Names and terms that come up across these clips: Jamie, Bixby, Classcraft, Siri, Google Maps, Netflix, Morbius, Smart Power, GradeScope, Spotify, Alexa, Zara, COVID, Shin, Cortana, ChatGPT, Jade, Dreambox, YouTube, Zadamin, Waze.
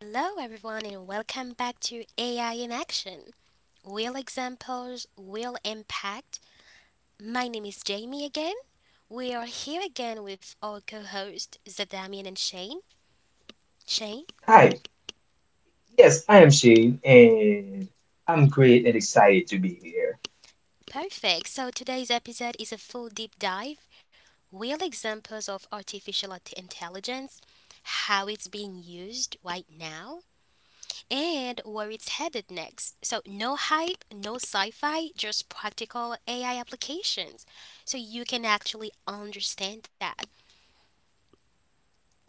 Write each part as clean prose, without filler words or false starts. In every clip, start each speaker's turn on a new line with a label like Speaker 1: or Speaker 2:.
Speaker 1: Hello, everyone, and welcome back to AI in Action. Real examples, real impact. My name is Jamie again. We are here again with our co hosts, Zadamian and Shane. Shane?
Speaker 2: Hi, yes, I am Shane, and I'm great and excited to be here.
Speaker 1: Perfect. So today's episode is a full deep dive real examples of artificial intelligence, how it's being used right now, and where it's headed next. So, no hype, no sci fi, just practical AI applications. So, you can actually understand that.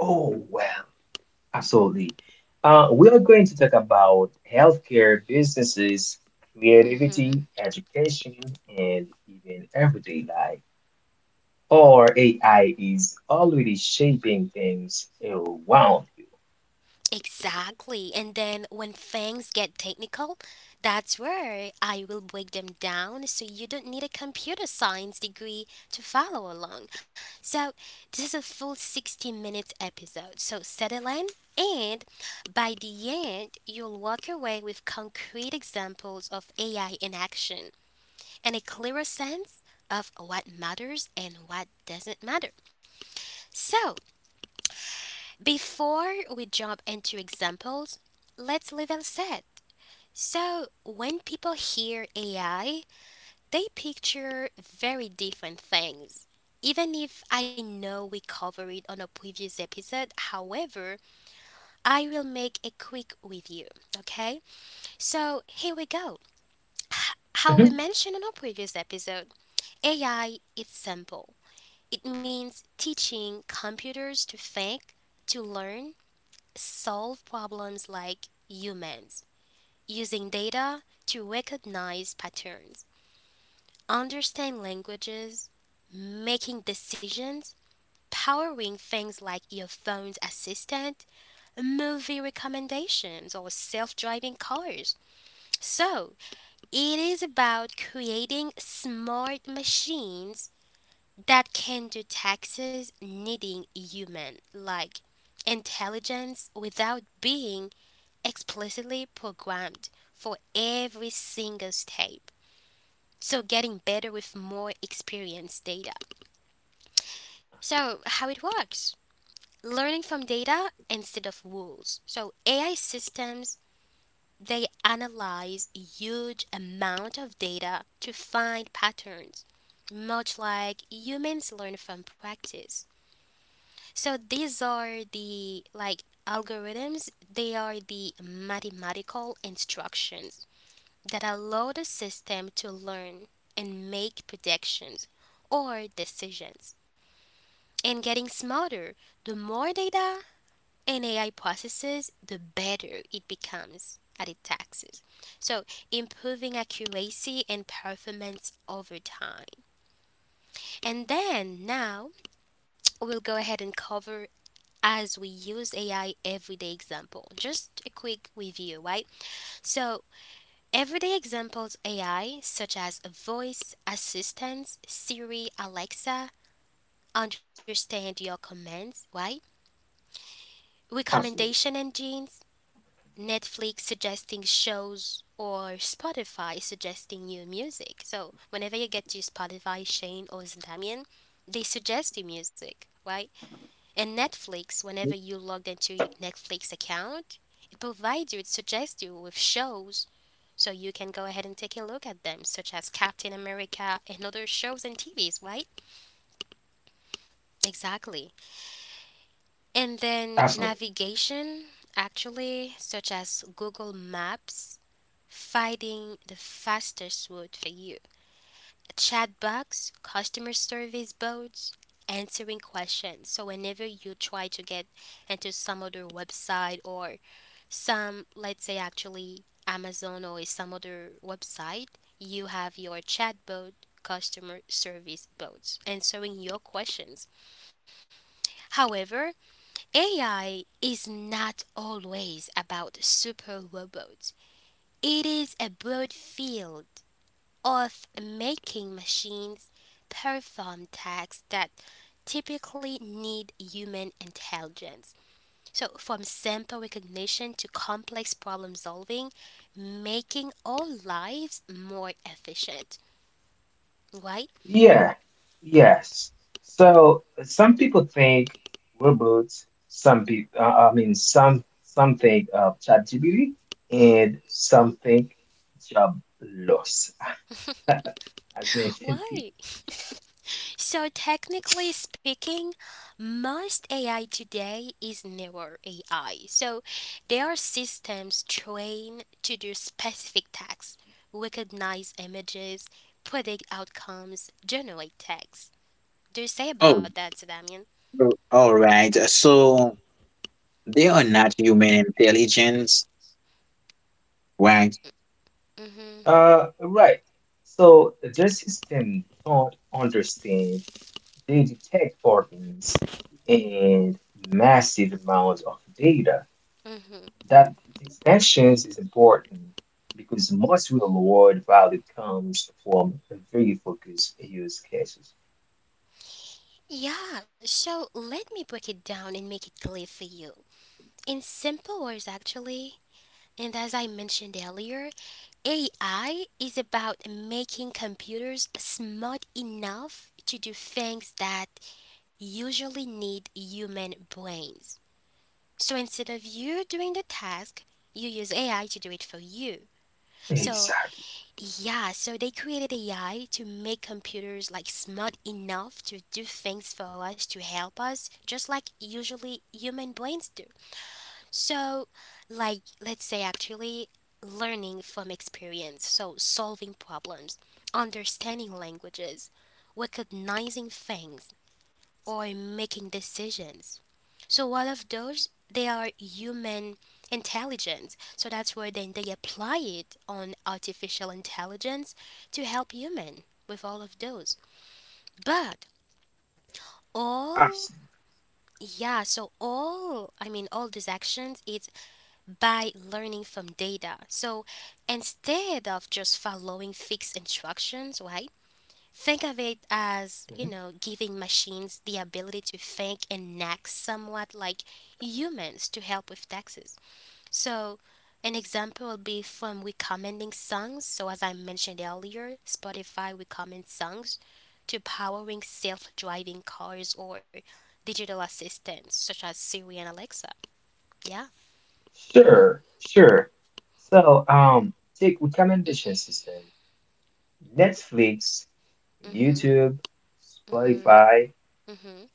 Speaker 2: Oh, well, absolutely. We are going to talk about healthcare, businesses,
Speaker 1: Hmm.
Speaker 2: creativity, education, and even everyday life. Or AI is already shaping things around you.
Speaker 1: Exactly. And then when things get technical, that's where I will break them down so you don't need a computer science degree to follow along. So, this is a full 60 minutes episode. So, settle in, and by the end, you'll walk away with concrete examples of AI in action and a clearer sense of what matters and what doesn't matter. So, before we jump into examples, let's level set. So, when people hear AI, they picture very different things. Even if I know we covered it on a previous episode, however, I will make a quick review, okay? So, here we go. How we
Speaker 2: Mhm.
Speaker 1: mentioned in our previous episode, AI is simple. It means teaching computers to think, to learn, solve problems like humans, using data to recognize patterns, understand languages, making decisions, powering things like your phone's assistant, movie recommendations, or self driving cars. So, it is about creating smart machines that can do taxes needing human like intelligence without being explicitly programmed for every single step. So, getting better with more experience data. So, how it works learning from data instead of rules. So, AI systems they analyze a huge amount of data to find patterns much like humans learn from practice. So these are the like algorithms, they are the mathematical instructions that allow the system to learn and make predictions or decisions. And getting smarter, the more data an AI processes, the better it becomes at its tasks. So, improving accuracy and performance over time. And then now we'll go ahead and cover as we use AI everyday example. Just a quick review, right? So, everyday examples AI, such as voice assistants, Siri, Alexa, understand your commands, right?
Speaker 2: Absolutely,
Speaker 1: Recommendation engines, Netflix suggesting shows, or Spotify suggesting new music. So whenever you get to Spotify, Shane or Damien, they suggest you music, right? And Netflix, whenever you logged into your Netflix account, it provides you, it suggests you with shows so you can go ahead and take a look at them, such as Captain America and other shows and TVs, right? Exactly. And then
Speaker 2: absolutely.
Speaker 1: navigation, actually, such as Google Maps, finding the fastest route for you. Chat box, customer service bots, answering questions. So whenever you try to get into some other website or some, let's say actually amazon or some other website, you have your chatbot customer service bots answering your questions. However, AI is not always about super robots. It is a broad field of making machines perform tasks that typically need human intelligence. So, from simple recognition to complex problem solving, making our lives more efficient, right?
Speaker 2: Yeah, yes. So some people think we're bots. Some people, some think of ChatGPT, and some think job loss, as mentioned previously.
Speaker 1: Why? So, technically speaking, most AI today is newer AI. So, there are systems trained to do specific tasks, recognize images, predict outcomes, generate text. Do you say about
Speaker 3: Oh,
Speaker 1: that, Damien?
Speaker 3: all right. So they are not human intelligence, right?
Speaker 1: Mm-hmm.
Speaker 2: Right. So the system don't understand. They detect patterns and massive amounts of data. That distinctions is important because most real world value comes from very focused use cases.
Speaker 1: Yeah, so let me break it down and make it clear for you. In simple words, actually, and as I mentioned earlier, AI is about making computers smart enough to do things that usually need human brains. So instead of you doing the task, you use AI to do it for you. So
Speaker 2: Exactly.
Speaker 1: yeah, so they created AI to make computers like smart enough to do things for us to help us, just like usually human brains do. So, like, let's say actually learning from experience, so solving problems, understanding languages, recognizing things, or making decisions. So all of those they are human intelligence. So that's where then they apply it on artificial intelligence to help human with all of those. But all
Speaker 2: Absolutely.
Speaker 1: yeah, so all I mean all these actions is by learning from data. So instead of just following fixed instructions, right? Think of it
Speaker 2: Mhm.
Speaker 1: as, giving machines the ability to think and act somewhat like humans to help with taxes. So, an example will be from recommending songs. So, as I mentioned earlier, Spotify recommends songs to powering self driving cars or digital assistants such as Siri and Alexa. Yeah.
Speaker 2: Sure, sure. So, take recommendation system, Netflix,
Speaker 1: Mm hmm.
Speaker 2: YouTube,
Speaker 1: Mm hmm.
Speaker 2: Spotify.
Speaker 1: Mm hmm.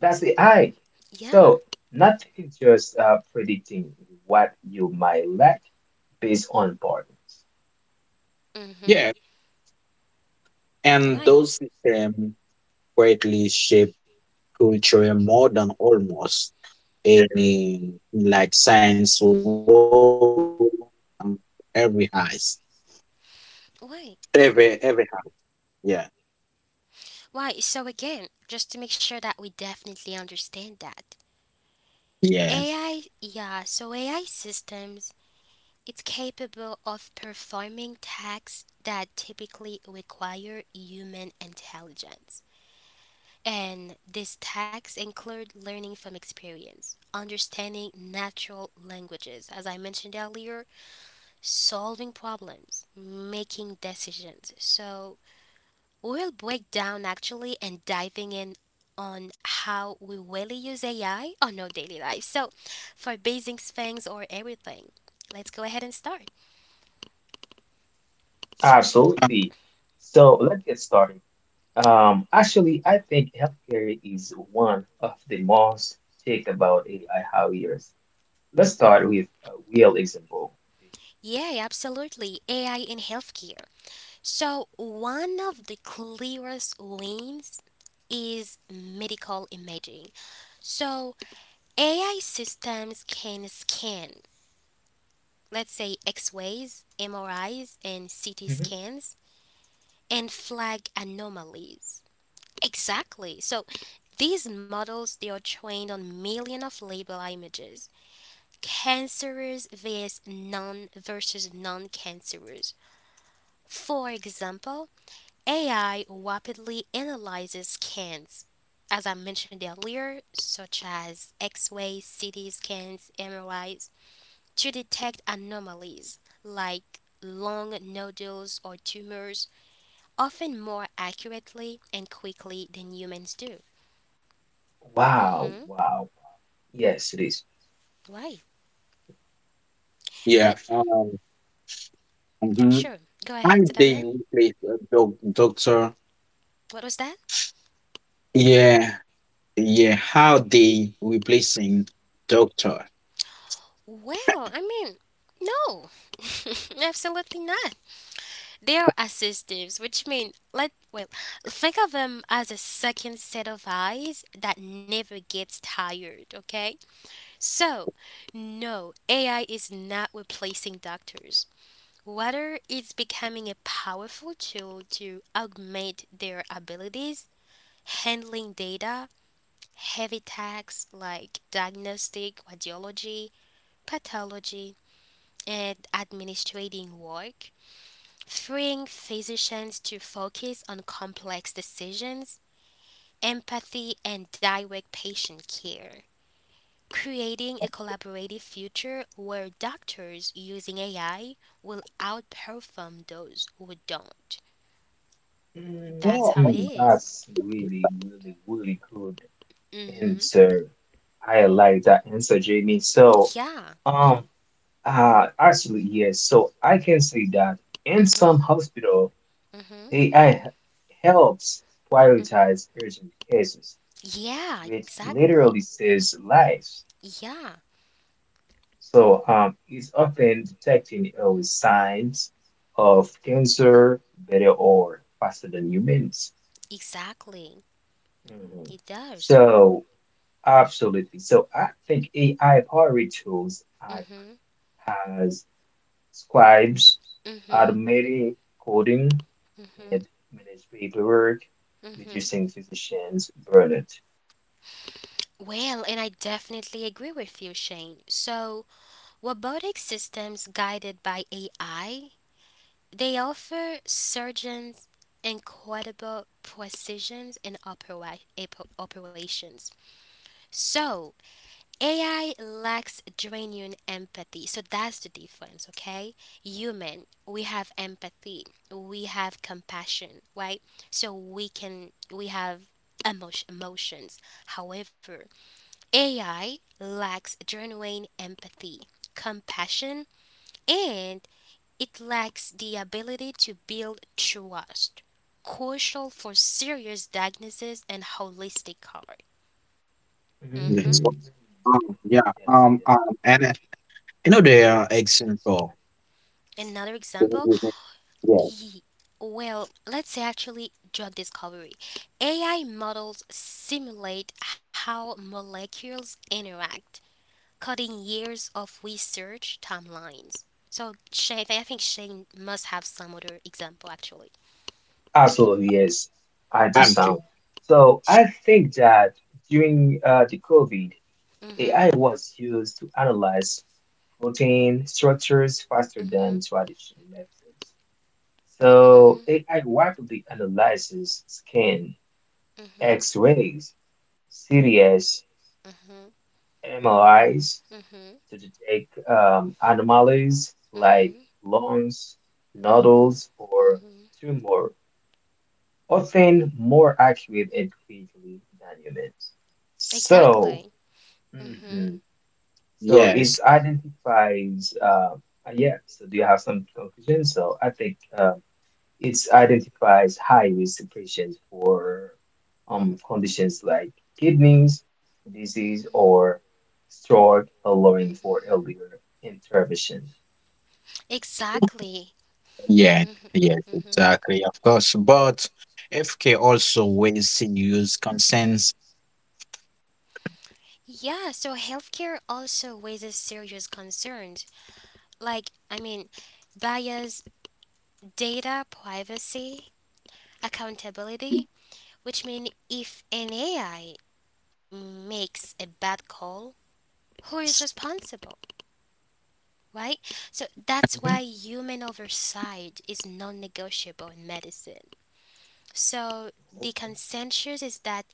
Speaker 2: That's the I.
Speaker 1: Yeah.
Speaker 2: So, not taking just predicting what you might like based on partners.
Speaker 1: Mm hmm.
Speaker 3: Yeah. And
Speaker 1: Right.
Speaker 3: those systems greatly shape culture more than almost any like science world. um, every house.
Speaker 1: Right.
Speaker 3: Every house. Yeah.
Speaker 1: Why? So again,
Speaker 2: Oh,
Speaker 1: just
Speaker 2: yeah.
Speaker 1: to make sure that we definitely understand that. AI,
Speaker 3: Yes.
Speaker 1: yeah, so AI systems, it's capable of performing tasks that typically require human intelligence. And these tasks include learning from experience, understanding natural languages, as I mentioned earlier, solving problems, making decisions. So we'll break down actually and diving in on how we really use AI on our daily life. So, for basic things or everything, let's go ahead and start.
Speaker 2: Absolutely. So let's get started. Actually, I think healthcare is one of the most talked about AI barriers. Let's start with a real example.
Speaker 1: Yeah, absolutely. AI in healthcare. So, one of the clearest lanes is medical imaging. So, AI systems can scan, let's say, X rays, MRIs, and
Speaker 2: Mhm.
Speaker 1: CT scans, and flag anomalies. Exactly. So these models they are trained on millions of label images. Cancerous vs non versus non-cancerous. For example, AI rapidly analyzes scans. As I mentioned earlier, such as X-ray, CT scans, MRIs, to detect anomalies like lung nodules or tumors, often more accurately and quickly than humans do.
Speaker 2: Wow,
Speaker 1: Mm-hmm.
Speaker 2: wow. Yes, it is.
Speaker 1: Right.
Speaker 3: Yeah.
Speaker 1: But, yep,
Speaker 3: Mhm.
Speaker 1: sure. Go ahead,
Speaker 3: And they
Speaker 1: Damien.
Speaker 3: replace a doctor.
Speaker 1: What was that?
Speaker 3: Yeah. Yeah. How they replacing doctor.
Speaker 1: Well, I mean, no, absolutely not. They are assistives, which mean let well think of them as a second set of eyes that never gets tired. Okay, so no, AI is not replacing doctors. Rather, it's becoming a powerful tool to augment their abilities, handling data heavy tasks like diagnostic, radiology, pathology, and administrative work, freeing physicians to focus on complex decisions, empathy, and direct patient care. Creating a collaborative future where doctors using AI will outperform those who don't. That's how
Speaker 3: Oh.
Speaker 1: it
Speaker 2: Mm,
Speaker 1: is.
Speaker 2: that's really, really, really good
Speaker 1: Mm-hmm.
Speaker 2: answer. I like that answer, Jamie. So,
Speaker 1: Yeah.
Speaker 2: um, actually, yes. So I can say that in some
Speaker 1: Mm-hmm.
Speaker 2: hospital.
Speaker 1: Mm-hmm.
Speaker 2: AI helps
Speaker 1: Mm-hmm.
Speaker 2: prioritize urgent cases,
Speaker 1: Yeah,
Speaker 2: which
Speaker 1: exactly.
Speaker 2: literally saves lives.
Speaker 1: Yeah.
Speaker 2: So it's often detecting early signs of cancer better or faster than humans.
Speaker 1: Exactly.
Speaker 2: Mhm.
Speaker 1: It does.
Speaker 2: So absolutely. So I think AI powered tools act
Speaker 1: Mhm.
Speaker 2: as scribes,
Speaker 1: Mhm.
Speaker 2: automated coding,
Speaker 1: Mhm.
Speaker 2: and manage paperwork,
Speaker 1: Mhm.
Speaker 2: reducing physicians' burnout.
Speaker 1: Well, and I definitely agree with you, Shane. So, robotic systems guided by AI, they offer surgeons incredible precisions in operations. So, AI lacks genuine empathy. So that's the difference, okay? Human, we have empathy, we have compassion, right? So we have emotions. However, AI lacks genuine empathy, compassion, and it lacks the ability to build trust, crucial for serious diagnosis and holistic care.
Speaker 2: Mm,
Speaker 1: Hmm.
Speaker 3: Yes.
Speaker 2: yeah,
Speaker 3: Yeah,
Speaker 2: yes,
Speaker 3: um,
Speaker 2: yes.
Speaker 3: um, and you know the example.
Speaker 1: Another example.
Speaker 3: Yeah,
Speaker 1: Ye- Well, let's say actually drug discovery. AI models simulate how molecules interact, cutting years of research timelines. So Shane, I think Shane must have some other example actually.
Speaker 2: Absolutely, yes. I do
Speaker 3: I'm
Speaker 2: sound.
Speaker 3: kidding.
Speaker 2: So I think that during the COVID,
Speaker 1: Mhm.
Speaker 2: AI was used to analyze protein structures faster than
Speaker 1: Mhm.
Speaker 2: traditional methods. So
Speaker 1: Mhm.
Speaker 2: AI rapidly analyzes skin,
Speaker 1: Mhm.
Speaker 2: X-rays, CDS,
Speaker 1: Mhm.
Speaker 2: MRIs
Speaker 1: Mhm.
Speaker 2: to detect anomalies like
Speaker 1: Mhm.
Speaker 2: lungs, nodules,
Speaker 1: Mhm.
Speaker 2: or
Speaker 1: Mhm.
Speaker 2: tumor, often more accurate and creatively than humans. So,
Speaker 1: Exactly. Mhm.
Speaker 2: mhm, so it
Speaker 3: Yes,
Speaker 2: identifies. Yeah. So, do you have some conclusions? So, I think it identifies high risk patients for conditions like kidneys disease
Speaker 1: Mhm.
Speaker 2: or stroke, allowing for earlier intervention.
Speaker 1: Exactly.
Speaker 3: yeah,
Speaker 1: Mhm.
Speaker 3: yes, exactly, of course. But FK also ways to use consents.
Speaker 1: Yeah, so healthcare also raises serious concerns like, I mean, bias, data privacy, accountability, which mean if an AI makes a bad call, who is responsible, right? So that's
Speaker 2: Mhm.
Speaker 1: why human oversight is non negotiable in medicine. So the
Speaker 2: Okay.
Speaker 1: consensus is that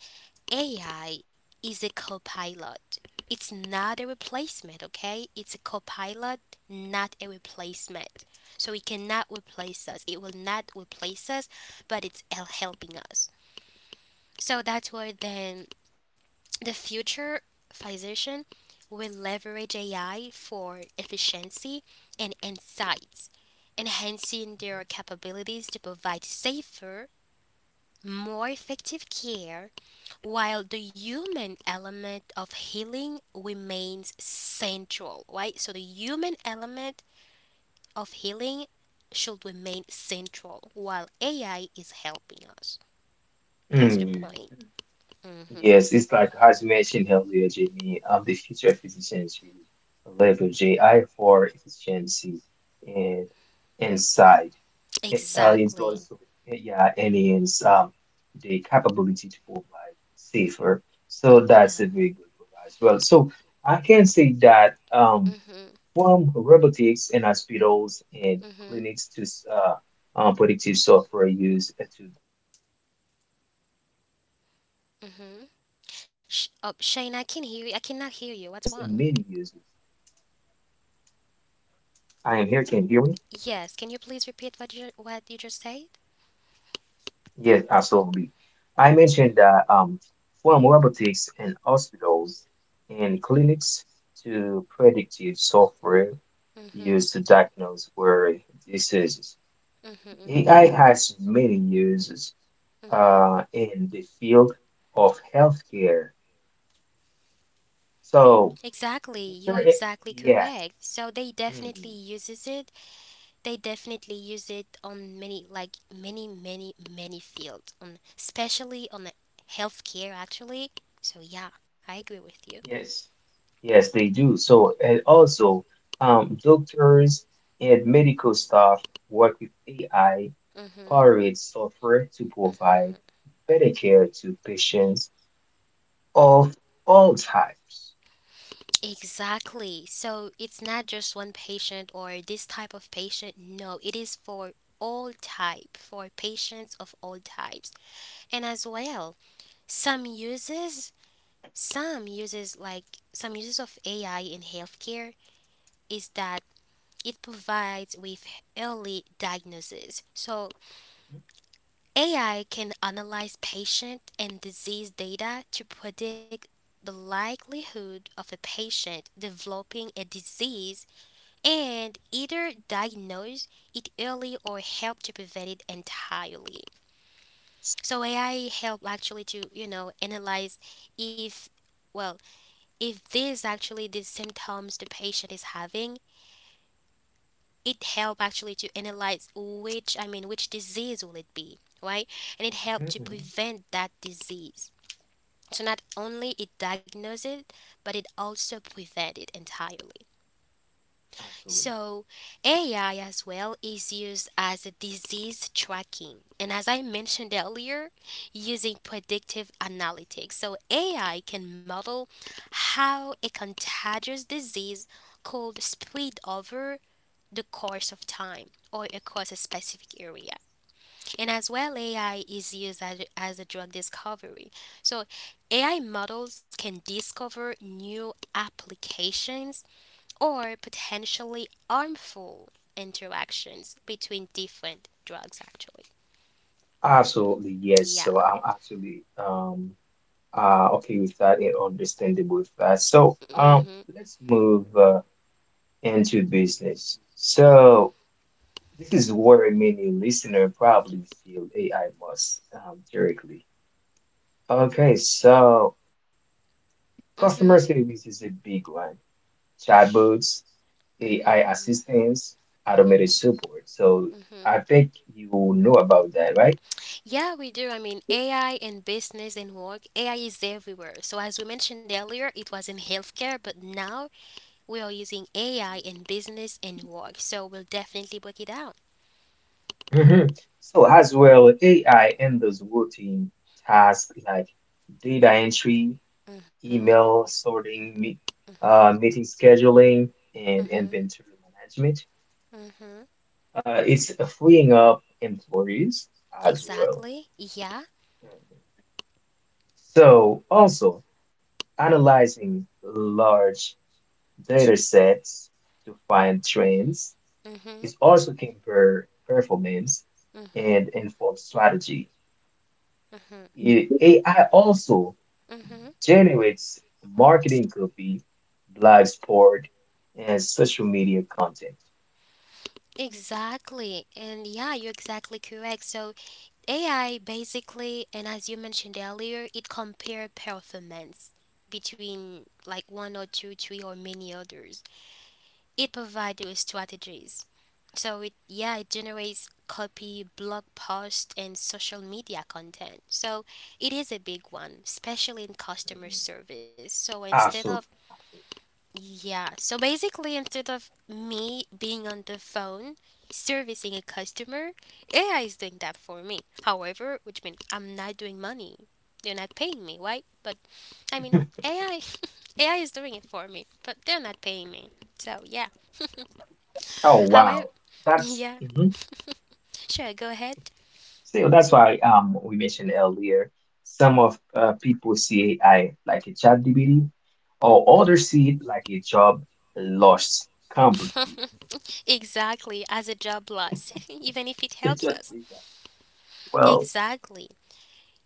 Speaker 1: AI is a copilot. It's not a replacement, okay? It's a copilot, not a replacement. So it cannot replace us. It will not replace us, but it's helping us. So that's where then the future physician will leverage AI for efficiency and insights, enhancing their capabilities to provide safer, more effective care while the human element of healing remains central, right? So the human element of healing should remain central while AI is helping us.
Speaker 2: Mhm.
Speaker 1: That's the
Speaker 2: Mm.
Speaker 1: point. Hmm.
Speaker 2: Yes, it's like as you mentioned earlier, Jamie, the future physicians will leverage AI for efficiency and insight. It, it's
Speaker 1: Exactly.
Speaker 2: also, yeah, and it's The capability to provide safer. So that's a
Speaker 1: Yeah.
Speaker 2: very good one as well. So I can say that
Speaker 1: Mhm.
Speaker 2: from robotics in hospitals and
Speaker 1: Mhm.
Speaker 2: clinics to uh, predictive software used to diagnose or rare disease,
Speaker 1: Mhm.
Speaker 2: AI has
Speaker 1: Oh,
Speaker 2: many
Speaker 1: Shane,
Speaker 2: uses.
Speaker 1: I can hear you. I cannot hear you. What's wrong?
Speaker 2: I am here. Can you hear me?
Speaker 1: Yes. Can you please repeat what you just said?
Speaker 2: Yes, absolutely. I mentioned that from robotics in hospitals and clinics to predictive software
Speaker 1: Mhm.
Speaker 2: used to diagnose rare diseases.
Speaker 1: Mhm.
Speaker 2: AI has many uses
Speaker 1: Mhm.
Speaker 2: in the field of healthcare. So,
Speaker 1: Exactly, you're
Speaker 2: Dr. A-
Speaker 1: exactly
Speaker 2: yeah.
Speaker 1: correct. So they definitely
Speaker 2: Mhm.
Speaker 1: uses it. They definitely use it on many like many fields on especially on the healthcare actually. So yeah, I agree with you.
Speaker 2: Yes, yes, they do. So, and also, doctors and medical staff work with
Speaker 1: Mhm.
Speaker 2: AI-powered software to provide
Speaker 1: Mhm.
Speaker 2: better care to patients of all types.
Speaker 1: Exactly. So it's not just one patient or this type of patient. No, it is for all type for patients of all types. And as well, some uses Some uses like some uses of AI in healthcare is that it provides with early diagnosis. So AI can analyze patient and disease data to predict the likelihood of a patient developing a disease and either diagnose it early or help to prevent it entirely. So AI help actually to, analyze if well If these actually the symptoms the patient is having, it help actually to analyze which I mean which disease will it be, right? And it help
Speaker 2: Mhm,
Speaker 1: to
Speaker 2: mhm.
Speaker 1: prevent that disease. So not only it diagnoses it, but it also prevent it entirely.
Speaker 2: Absolutely.
Speaker 1: So, AI as well is used as a disease tracking. And as I mentioned earlier, using predictive analytics. So, AI can model how a contagious disease could spread over the course of time or across a specific area. And as well, AI is used as a drug discovery. So, AI models can discover new applications or potentially harmful interactions between different drugs actually.
Speaker 2: Absolutely, yes.
Speaker 1: Yeah.
Speaker 2: So I'm actually okay with that and understandable with that. So
Speaker 1: Mhm.
Speaker 2: let's move into business. So this is where many listener probably feel AI must directly. Okay, so
Speaker 1: Mhm.
Speaker 2: customer service is a big one. Chatbots, AI
Speaker 1: Mhm.
Speaker 2: assistants, automated
Speaker 1: Mhm.
Speaker 2: support. So
Speaker 1: Mhm.
Speaker 2: I think you know about that, right?
Speaker 1: Yeah, we do. I mean, AI in business and work, AI is everywhere. So as we mentioned earlier, it was in healthcare, but now we are using AI in business and work, so we'll definitely break it out.
Speaker 2: hmm So as well, AI handles routine tasks like data entry,
Speaker 1: Mhm.
Speaker 2: email sorting, meeting scheduling, and
Speaker 1: Mhm.
Speaker 2: inventory management.
Speaker 1: Mhm.
Speaker 2: It's freeing up employees as well.
Speaker 1: Exactly. Yeah.
Speaker 2: So, also analyzing large data sets to find trends
Speaker 1: Mhm.
Speaker 2: is also can compare performance
Speaker 1: Mhm.
Speaker 2: and inform strategy.
Speaker 1: Mhm.
Speaker 2: AI also
Speaker 1: Mhm.
Speaker 2: generates marketing copy, live sport, and social media content.
Speaker 1: Exactly. And yeah, you're exactly correct. So AI basically, and as you mentioned earlier, it compare performance between like one or two, three or many others. It provides you strategies. So it, yeah, it generates copy, blog post and social media content. So it is a big one, especially in customer
Speaker 2: Mhm.
Speaker 1: service. So instead of,
Speaker 2: Absolutely. Absolutely.
Speaker 1: yeah, so basically, instead of me being on the phone servicing a customer, AI is doing that for me. However, which means I'm not doing money. They're not paying me, right? But I mean, AI is doing it for me, but they're not paying me. So yeah.
Speaker 2: Oh, wow.
Speaker 1: However,
Speaker 2: That's.
Speaker 1: yeah, sure, go ahead.
Speaker 2: So that's why we mentioned earlier, some of people see AI like a chat GPT, or
Speaker 1: Mm.
Speaker 2: others see it like a job lost completely.
Speaker 1: Exactly, as a job loss, even if it
Speaker 2: It's
Speaker 1: helps
Speaker 2: just
Speaker 1: us.
Speaker 2: like, well,
Speaker 1: Exactly.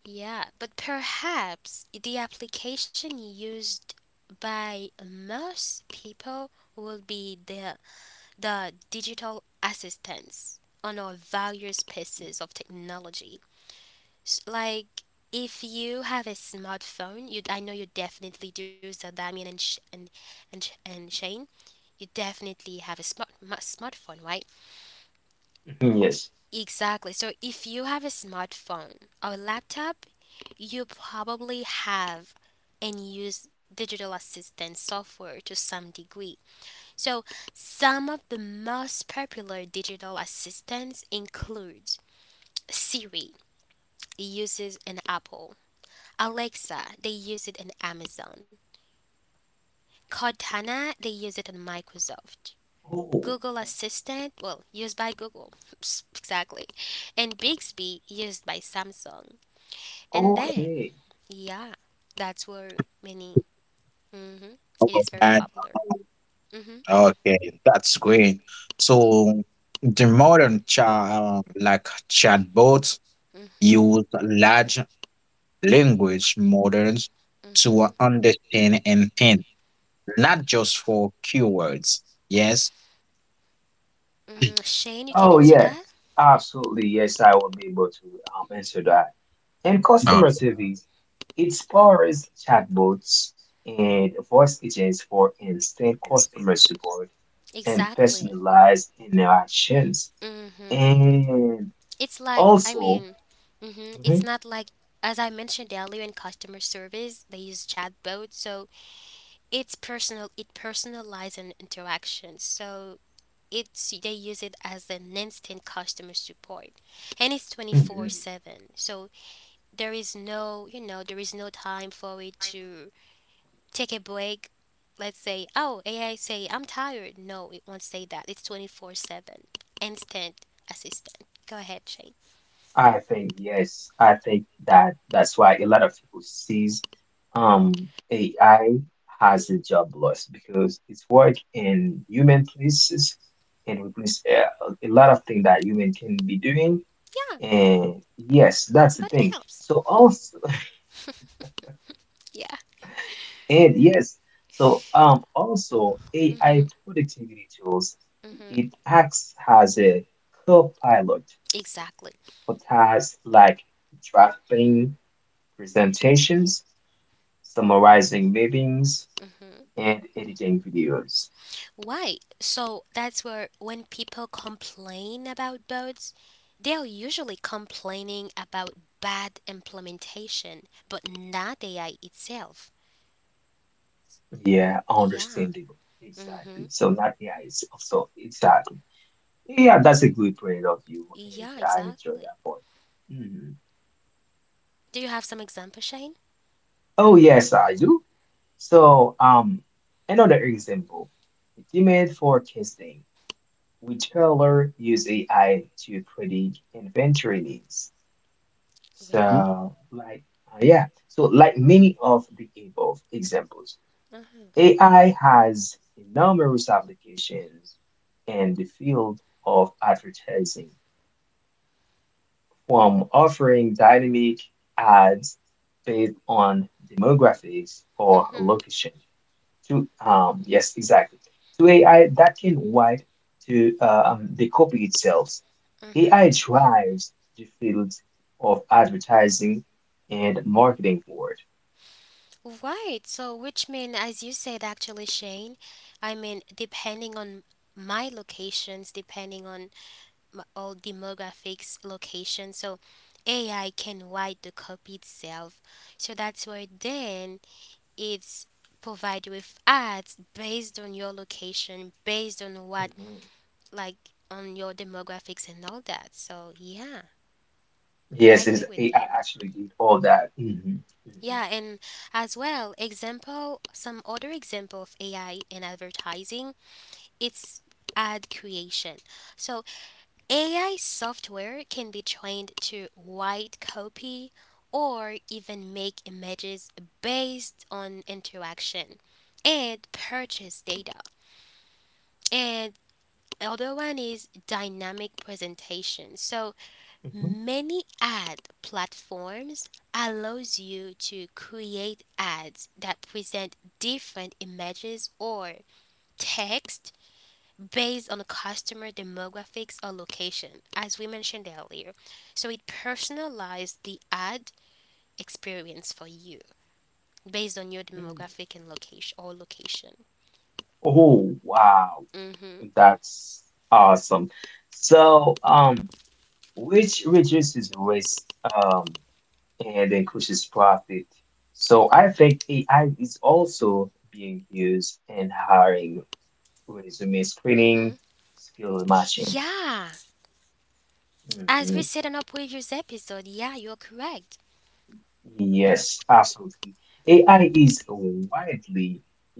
Speaker 1: Yeah, but perhaps the application used by most people will be the digital assistants on our various pieces of technology. Like if you have a smartphone, you, I know you definitely do, so Damien and Shane, you definitely have a smartphone, right?
Speaker 2: mhm, yes.
Speaker 1: Exactly. So if you have a smartphone or laptop, you probably have and use digital assistant software to some degree. So some of the most popular digital assistants include Siri, it uses an Apple, Alexa they use it in Amazon, Cortana they use it in Microsoft.
Speaker 2: Oh,
Speaker 1: Google
Speaker 2: okay.
Speaker 1: Assistant, well, used by Google, exactly, and Bixby used by Samsung. And then,
Speaker 2: Okay.
Speaker 1: yeah, that's where many. Mhm.
Speaker 3: Oh,
Speaker 1: It is very
Speaker 3: and
Speaker 1: popular. Mhm.
Speaker 3: okay, that's great. So the modern chat, like chatbots,
Speaker 1: Mhm.
Speaker 3: use large language models to
Speaker 1: Mhm.
Speaker 3: understand intent, not just for keywords. Yes.
Speaker 1: Mm, Shane, you can
Speaker 2: Oh,
Speaker 1: answer that?
Speaker 2: yes. Absolutely. Yes, I will be able to answer that. And customer service, it powers chatbots and voice agents for instant customer support and
Speaker 1: Exactly.
Speaker 2: personalized interactions.
Speaker 1: Mhm.
Speaker 2: And
Speaker 1: It's like, I
Speaker 2: also,
Speaker 1: mean, mhm, it's
Speaker 2: mm-hmm.
Speaker 1: not like, as I mentioned earlier, in customer service, they use chatbot, so it's personal, it personalizes an interaction. So it's, they use it as an instant customer support and it's
Speaker 2: Mm,
Speaker 1: 24/7. So there is no, there is no time for it to take a break. Let's say, oh, AI say, I'm tired. No, it won't say that. It's 24/7. Instant assistant. Go ahead, Shane.
Speaker 2: I think yes, I think that that's why a lot of people sees AI has a job loss because it's work in human places and replace a lot of things that human can be doing
Speaker 1: Yeah,
Speaker 2: and yes, that's the
Speaker 1: but it
Speaker 2: thing.
Speaker 1: helps.
Speaker 2: So also
Speaker 1: Yeah.
Speaker 2: and yes, so also
Speaker 1: Mm-hmm.
Speaker 2: AI productivity tools
Speaker 1: Mm-hmm.
Speaker 2: it acts as a co-pilot
Speaker 1: Exactly.
Speaker 2: for tasks like drafting presentations, summarizing meetings,
Speaker 1: Mm-hmm.
Speaker 2: and editing videos.
Speaker 1: Why? So that's where when people complain about bots, they are usually complaining about bad implementation, but not AI itself.
Speaker 2: Yeah,
Speaker 1: Yeah.
Speaker 2: understandable. Exactly.
Speaker 1: Mm-hmm.
Speaker 2: So not yeah, it's also exactly. Yeah, that's a good point of view, and
Speaker 1: Yeah,
Speaker 2: I enjoy
Speaker 1: exactly.
Speaker 2: that point. Mhm.
Speaker 1: Do you have some example, Shane?
Speaker 2: Oh yes, I do. So another example, demand forecasting. Retailer use AI to predict inventory needs.
Speaker 3: Hmm?
Speaker 1: Really?
Speaker 2: So, like, yeah. So, like many of the above examples,
Speaker 1: Mm-hmm.
Speaker 2: AI has numerous applications in the field of advertising, from offering dynamic ads based on demographics or
Speaker 1: Mm-hmm.
Speaker 2: location to yes exactly to AI that can wide to the copy itself.
Speaker 1: Mm-hmm.
Speaker 2: AI drives the field of advertising and marketing forward.
Speaker 1: Right. So, which mean, as you said, actually, Shane, I mean, depending on my locations, depending on m all demographics location, so AI can write the copy itself. So that's where then it's provided with ads based on your location, based on what,
Speaker 2: Mhm.
Speaker 1: like on your demographics and all that. So yeah, and I
Speaker 2: Yes, is
Speaker 1: agree with
Speaker 2: AI
Speaker 1: you.
Speaker 2: actually did all that? Hmm
Speaker 1: Yeah, and as well, example, some other example of AI in advertising, it's ad creation. So AI software can be trained to write copy or even make images based on interaction and purchase data. And other one is dynamic presentation. So
Speaker 2: hmm hmm
Speaker 1: many ad platforms allows you to create ads that present different images or text based on customer demographics or location, as we mentioned earlier. So it personalizes the ad experience for you based on your demographic and location or location.
Speaker 2: Oh wow,
Speaker 1: Mhm.
Speaker 2: that's awesome. So which reduces risk um and increases profit. So I think AI is also being used in hiring, resume
Speaker 1: Mhm.
Speaker 2: screening, skill matching.
Speaker 1: Yeah, as we said
Speaker 2: Mhm.
Speaker 1: in our previous episode, yeah, you're correct.
Speaker 2: Yes, absolutely. AI is widely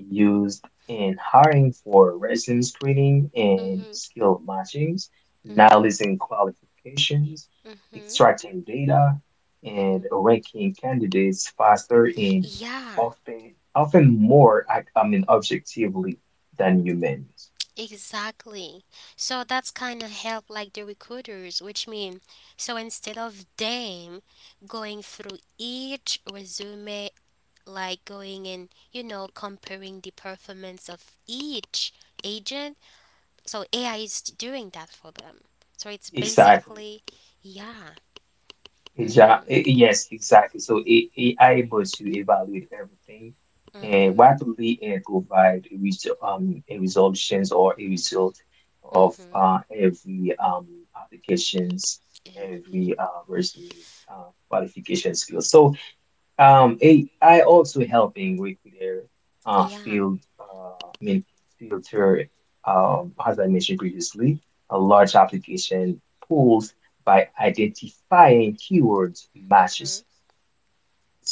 Speaker 2: used in hiring for resume screening and
Speaker 1: Mhm.
Speaker 2: skill matchings,
Speaker 1: Mhm.
Speaker 2: analyzing qualifications, extracting data, and
Speaker 1: Mhm.
Speaker 2: ranking candidates faster and
Speaker 1: Yeah,
Speaker 2: often more, objectively than humans.
Speaker 1: exactly. So that's kind of help like the recruiters, which mean so instead of them going through each resume, like going and comparing the performance of each agent, so AI is doing that for them. So it's
Speaker 2: Exactly.
Speaker 1: basically, yeah, mhm,
Speaker 2: Yes, exactly. So AI able to evaluate everything and
Speaker 1: mhm,
Speaker 2: rapidly and provide a resolutions or a result of
Speaker 1: mhm,
Speaker 2: every applications,
Speaker 1: eh, eh,
Speaker 2: every resume qualification skill. So AI also helping with their uh,
Speaker 1: yeah,
Speaker 2: field, uh, I mean, filter, as I mentioned previously, a large application pools by identifying keywords
Speaker 1: mhm,
Speaker 2: matches.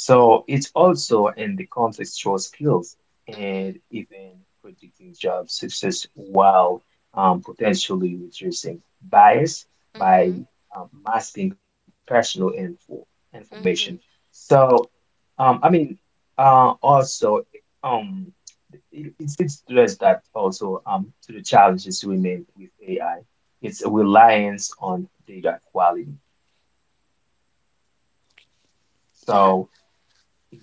Speaker 2: So it's also in the contextual skills
Speaker 1: mhm,
Speaker 2: and even predicting job success while potentially reducing bias by
Speaker 1: mhm,
Speaker 2: masking personal information.
Speaker 1: mhm,
Speaker 2: So. Um, I mean, uh, also, um, it, it's stressed that also to the challenges we make with AI, it's a reliance on data quality.
Speaker 1: yeah,
Speaker 2: So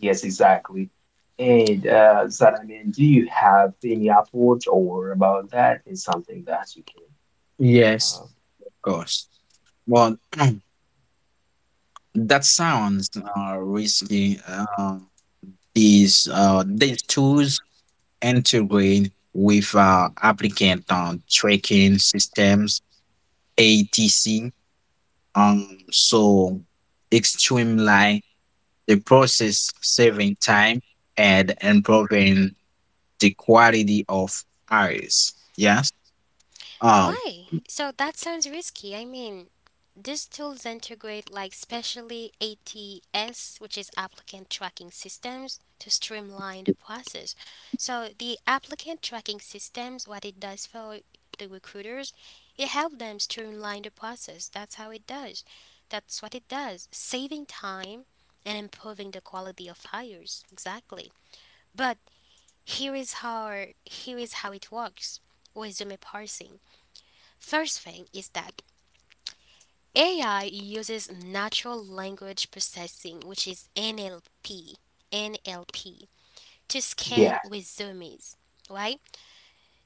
Speaker 2: yes, exactly. And
Speaker 1: yeah.
Speaker 2: Zara, I mean, do you have any approach or about that? Is something that you can,
Speaker 3: Yes,
Speaker 2: uh,
Speaker 3: of course. Well, that sounds risky. Uh, these tools integrate with applicant tracking systems (ATC), so it streamline the process, saving time and improving the quality of hires. Yes. Um,
Speaker 1: Why? So that sounds risky. I mean, these tools integrate like specially ATS, which is applicant tracking systems, to streamline the process. So the applicant tracking systems, what it does for the recruiters, it helps them streamline the process. That's how it does. That's what it does, saving time and improving the quality of hires. Exactly. But here is how it works. Resume parsing. First thing is that AI uses natural language processing, which is NLP, to
Speaker 2: yeah,
Speaker 1: scan resumes, right?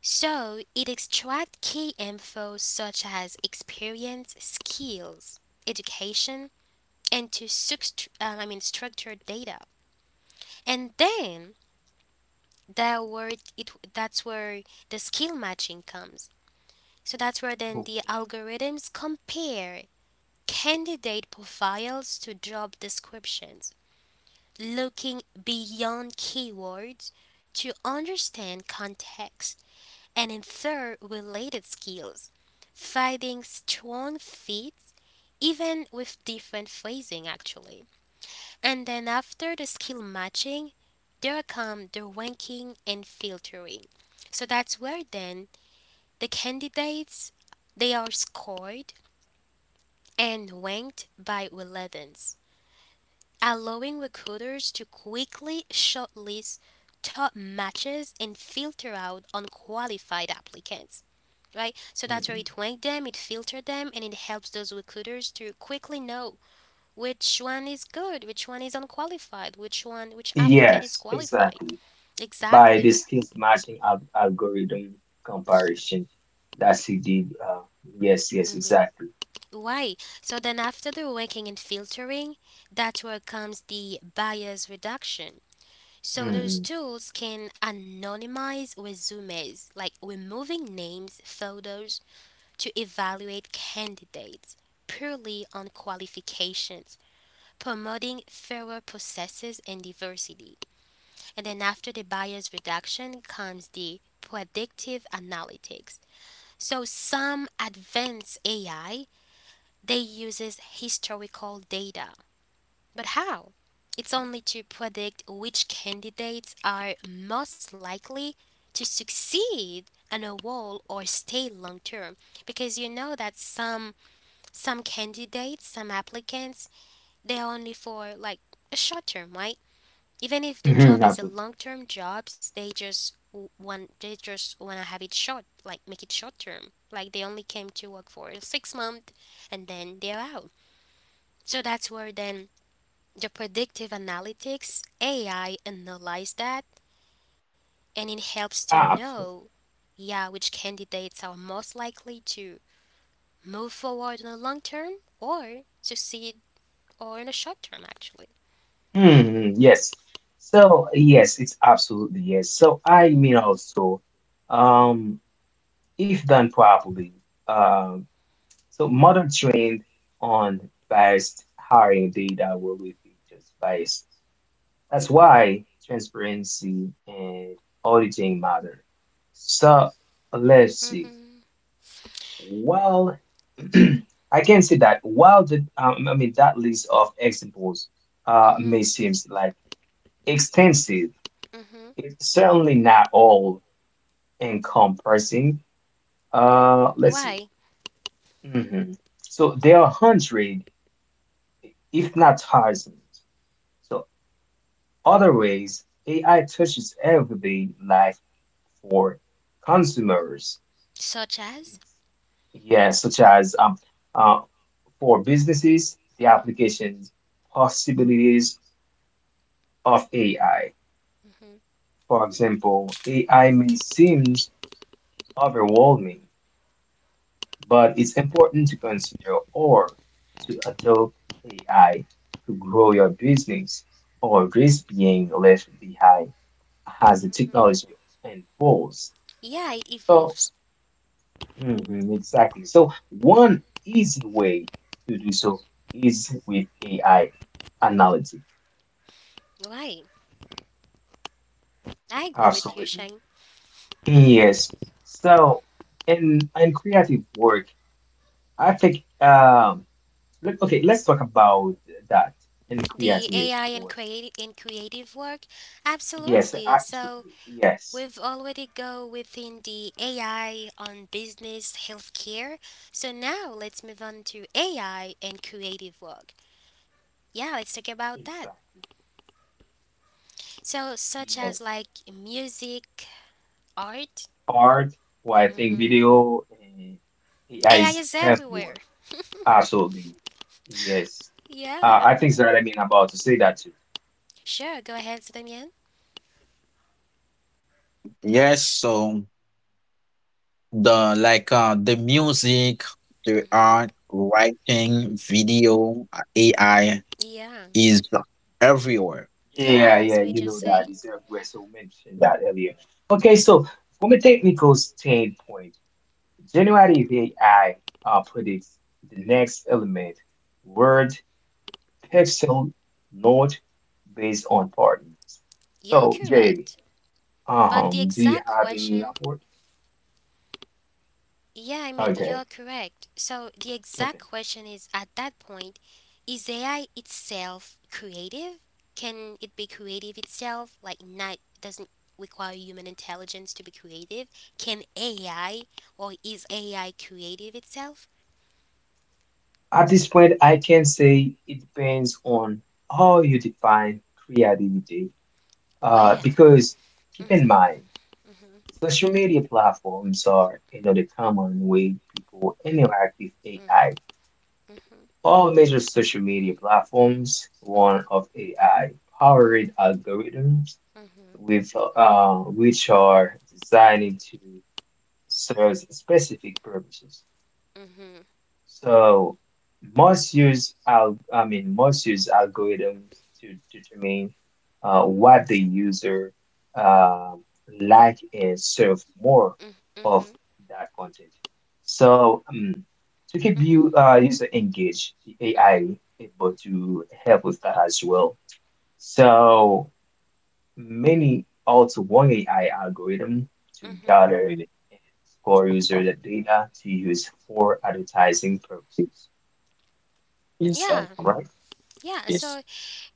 Speaker 1: So it extracts key info such as experience, skills, education, and I mean structured data. And then that's where the skill matching comes. So that's where then the algorithms compare candidate profiles to job descriptions, looking beyond keywords to understand context and infer related skills, finding strong fits even with different phrasing actually. And then after the skill matching, there come the ranking and filtering. So that's where then the candidates, they are scored and ranked by relevance, allowing recruiters to quickly shortlist top matches and filter out unqualified applicants. Right? So that's where
Speaker 2: mhm,
Speaker 1: it ranked them, it filtered them, and it helps those recruiters to quickly know which one is good, which one is unqualified, which applicant is
Speaker 2: yes,
Speaker 1: qualified.
Speaker 2: exactly, by
Speaker 1: Exactly.
Speaker 2: the algorithm comparison that he did. Yes, yes,
Speaker 1: Mm-hmm.
Speaker 2: exactly.
Speaker 1: Why? So then, after the ranking and filtering, that's where comes the bias reduction. So those
Speaker 2: hmm
Speaker 1: tools can anonymize resumes, like removing names, photos, to evaluate candidates purely on qualifications, promoting fairer processes and diversity. And then after the bias reduction comes the predictive analytics. So some advanced AI, they uses historical data, but how? It's only to predict which candidates are most likely to succeed on a role or stay long term, because you know that some candidates, some applicants, they're only for like a short term, right? Even if the
Speaker 2: hmm
Speaker 1: job is a
Speaker 2: Absolutely.
Speaker 1: long term jobs, they just w- want they just want to have it short, like make it short term. Like they only came to work for 6 months and then they're out. So that's where then the predictive analytics AI analyzes that and it helps to
Speaker 2: Ah, Absolutely.
Speaker 1: know, yeah, which candidates are most likely to move forward in the long term or succeed or in the short term actually.
Speaker 2: Mhm, yes. So, yes, it's absolutely yes. So, I mean also, um, if done properly, um, so modern trained on biased hiring data will be just biased. That's why transparency and auditing matter. So let's see.
Speaker 1: Mhm.
Speaker 2: Well, I can say that while the that list of examples
Speaker 1: Mhm.
Speaker 2: may seem like extensive,
Speaker 1: Mhm.
Speaker 2: it's certainly not all encompassing. Let's see.
Speaker 1: Why?
Speaker 2: Mhm. So there are hundred, if not thousands. So other ways, AI touches everyday life for consumers.
Speaker 1: Such as?
Speaker 2: It's, yeah, such as uh, for businesses, the
Speaker 1: Mhm.
Speaker 2: applications possibilities of AI.
Speaker 1: Mhm.
Speaker 2: For example, AI may seem overwhelming, but it's important to consider or to adopt AI to grow your business or risk being left behind as the
Speaker 1: Mhm.
Speaker 2: technology unfolds.
Speaker 1: Yeah, it
Speaker 2: So,
Speaker 1: evolves.
Speaker 2: mhm, exactly. So, one easy way to do so is with AI analytic.
Speaker 1: Why? I agree with you,
Speaker 2: Absolutely.
Speaker 1: Shang.
Speaker 2: Yes. So, in creative work, I think okay, let's talk about that in
Speaker 1: The
Speaker 2: creative
Speaker 1: AI in
Speaker 2: work.
Speaker 1: creative work,
Speaker 2: Yes,
Speaker 1: absolutely. So
Speaker 2: absolutely.
Speaker 1: we've
Speaker 2: Yes.
Speaker 1: already go within the AI on business healthcare. So now let's move on to AI and creative work. Yeah, let's talk about that.
Speaker 2: Exactly.
Speaker 1: So such
Speaker 2: Yes.
Speaker 1: as like music, art.
Speaker 2: Art, well, I think
Speaker 1: Hmm.
Speaker 2: video and AI
Speaker 1: AI
Speaker 2: is
Speaker 1: is everywhere.
Speaker 2: everywhere. Absolutely. Yes.
Speaker 1: Yeah,
Speaker 2: I think that I mean about to say that too.
Speaker 1: sure. Go ahead, Damien.
Speaker 3: Yes, so the music, the
Speaker 1: Mm-hmm.
Speaker 3: art, writing, video, AI
Speaker 1: Yeah.
Speaker 3: is everywhere.
Speaker 2: Yeah,
Speaker 1: Yes,
Speaker 2: yeah,
Speaker 1: we
Speaker 2: you know
Speaker 1: just
Speaker 2: that
Speaker 1: saying.
Speaker 2: is everywhere. So mentioned that earlier. Okay, so from a technical standpoint, generative AI predicts the next element, word, pixel, note based on patterns.
Speaker 1: You're
Speaker 2: So, Jade,
Speaker 1: correct. But the
Speaker 2: do you
Speaker 1: exact
Speaker 2: have any
Speaker 1: question,
Speaker 2: upward?
Speaker 1: yeah, I mean,
Speaker 2: Okay,
Speaker 1: you're correct. So the
Speaker 2: okay.
Speaker 1: exact question is at that point, is AI itself creative? Can it be creative itself? Like, not doesn't require human intelligence to be creative. Can AI or is AI creative itself?
Speaker 2: At this point, I can say it depends on how you define creativity.
Speaker 1: Where?
Speaker 2: Because keep in
Speaker 1: Mhm.
Speaker 2: mind,
Speaker 1: Mhm.
Speaker 2: social media platforms are another common way people interact with
Speaker 1: Mhm.
Speaker 2: AI.
Speaker 1: Mhm.
Speaker 2: All major social media platforms, one
Speaker 1: Mhm.
Speaker 2: of
Speaker 1: Mhm.
Speaker 2: AI-powered algorithms
Speaker 1: Mhm.
Speaker 2: with which are designed to serve specific purposes.
Speaker 1: Mhm.
Speaker 2: So most use al I mean most use algorithms to determine what the user uh, like and serve more
Speaker 1: Mhm.
Speaker 2: of that content. So to keep
Speaker 1: Mhm.
Speaker 2: you user engaged, the
Speaker 1: Mhm.
Speaker 2: AI able to help with that as well. So many also one AI algorithm to
Speaker 1: Mhm.
Speaker 3: You don't
Speaker 2: gather
Speaker 3: really
Speaker 2: and score
Speaker 3: uh,
Speaker 2: user data to use for advertising purposes,
Speaker 3: is yourself
Speaker 1: Yeah.
Speaker 3: on
Speaker 2: right?
Speaker 1: Yeah.
Speaker 3: this.
Speaker 1: So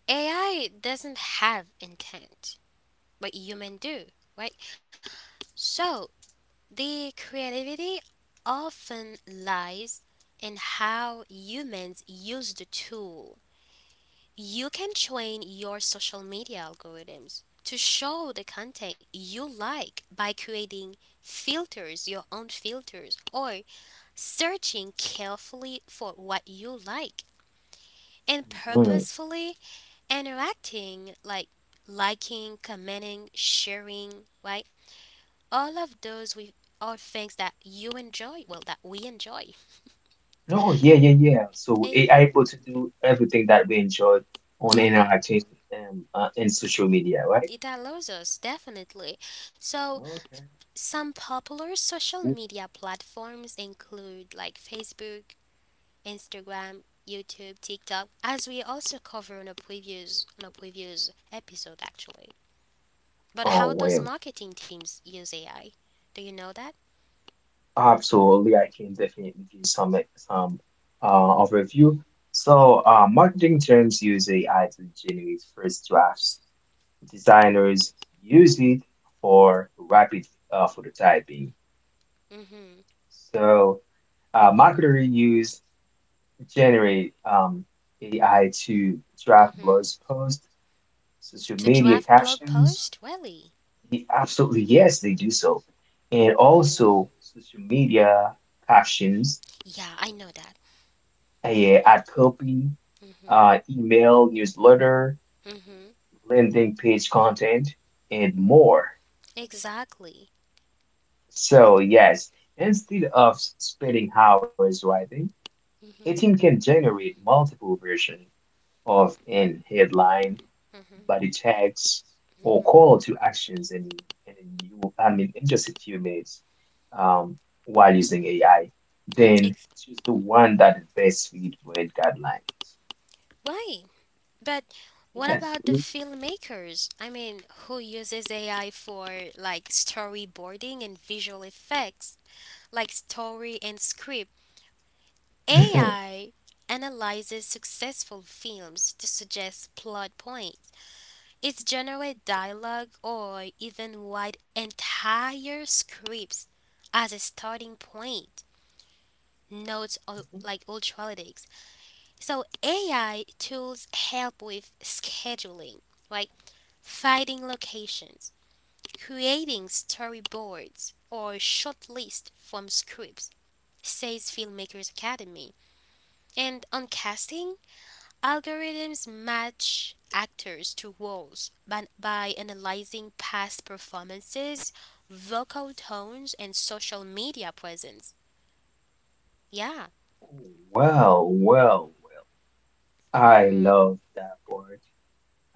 Speaker 1: AI doesn't have intent. What humans do, right? So the creativity often lies in how humans use the tool. You can train your social media algorithms to show the content you like by creating filters, your own filters, or searching carefully for what you like and
Speaker 2: Mm.
Speaker 1: purposefully interacting like liking, commenting, sharing, right? All of those we are things that you enjoy, well that we enjoy.
Speaker 2: Oh, yeah, yeah, yeah. So
Speaker 1: Eh,
Speaker 2: AI able to do everything that we enjoyed on
Speaker 1: yeah,
Speaker 2: interacting in social media, right?
Speaker 1: it allows us definitely. So
Speaker 2: Okay.
Speaker 1: some popular social media platforms include like Facebook, Instagram, YouTube, TikTok, as we also cover in a previous episode actually. But
Speaker 2: Oh,
Speaker 1: how does
Speaker 2: well,
Speaker 1: marketing teams use AI? Do you know that?
Speaker 2: absolutely. I can definitely give some overview. So, marketing terms use AI to generate first drafts. Designers use it for rapid prototyping.
Speaker 1: Mm-hmm.
Speaker 2: So, marketers use generate AI to draft
Speaker 1: Mm-hmm.
Speaker 2: blog posts, social
Speaker 1: To
Speaker 2: media
Speaker 1: draft blog
Speaker 2: captions?
Speaker 1: post, really?
Speaker 2: Absolutely, yes, they do so. And
Speaker 1: Mm.
Speaker 2: also social media captions,
Speaker 1: Yeah, I know that.
Speaker 2: a ad copy,
Speaker 1: Mm-hmm.
Speaker 2: email, newsletter,
Speaker 1: Mm-hmm.
Speaker 2: landing page content, and more.
Speaker 1: Exactly.
Speaker 2: So, yes, instead of spending hours writing, a team
Speaker 1: Mhm.
Speaker 2: can generate multiple versions of an headline
Speaker 1: Mhm.
Speaker 2: Body it checks or
Speaker 1: Mhm.
Speaker 2: call to actions in you, I mean, in just a few minutes um, while using AI.
Speaker 1: Mm,
Speaker 2: Then
Speaker 1: ex-
Speaker 2: choose the one that best fit with guidelines.
Speaker 1: right. But what
Speaker 2: Yes.
Speaker 1: about the
Speaker 3: Mhm.
Speaker 1: filmmakers? I mean, who uses AI for like storyboarding and visual effects, like story and script?
Speaker 2: Mhm.
Speaker 1: AI analyzes successful films to suggest plot points. It generates dialogue or even write entire scripts as a starting point. Notes or
Speaker 2: Mhm.
Speaker 1: like ultralytics. So AI tools help with scheduling, right? Finding locations, creating storyboards or short list from scripts, says Filmmakers Academy. And on casting, algorithms match actors to roles by, analyzing past performances, vocal tones, and social media presence. Yeah.
Speaker 2: Well, well, well. I
Speaker 1: Mhm.
Speaker 2: love that part.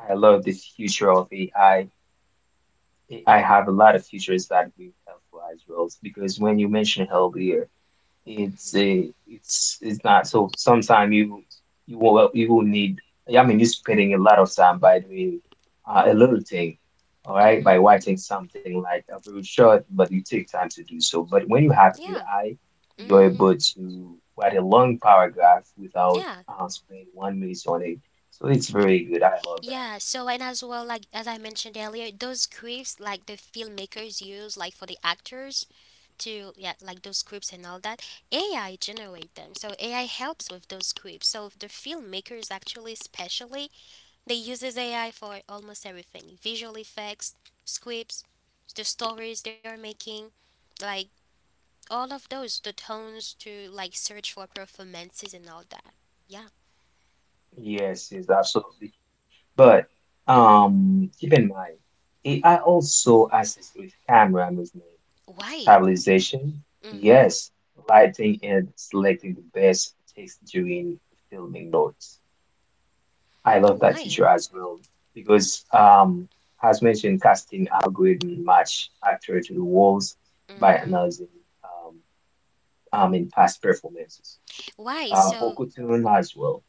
Speaker 2: I love the future of AI. I A I have a lot of futures that will help as well because when you mentioned health earlier. It's a it's it's not so sometimes you will you will need. I mean, you're spending a lot of time by doing a little thing, all right, by
Speaker 1: Mhm.
Speaker 2: writing something like a very short but you take time to do so. But when you have
Speaker 1: Yeah.
Speaker 2: AI you're
Speaker 1: Mhm.
Speaker 2: able to write a long paragraph without
Speaker 1: Yeah.
Speaker 2: spending 1 minute on it. So it's very good, I love.
Speaker 1: Yeah, so and as well, like as I mentioned earlier, those scripts like the filmmakers use, like for the actors to, yeah, like those scripts and all that, AI generate them. So AI helps with those scripts. So the filmmakers actually, especially, they uses AI for almost everything: visual effects, scripts, the stories they are making, like all of those, the tones to like search for performances and all that. Yeah.
Speaker 2: Yes, yes, absolutely. But
Speaker 1: Mhm.
Speaker 2: keep in mind, AI
Speaker 1: Mhm.
Speaker 2: also assists with camera movement,
Speaker 1: Why?
Speaker 2: stabilization,
Speaker 1: Mhm.
Speaker 2: yes, lighting, and selecting the best takes during filming notes. I love that
Speaker 1: Why?
Speaker 2: feature as well because, as mentioned, casting algorithm match actor to the roles by
Speaker 1: Hmm.
Speaker 2: analyzing in past performances.
Speaker 1: Why? So
Speaker 2: Vocal tone as well.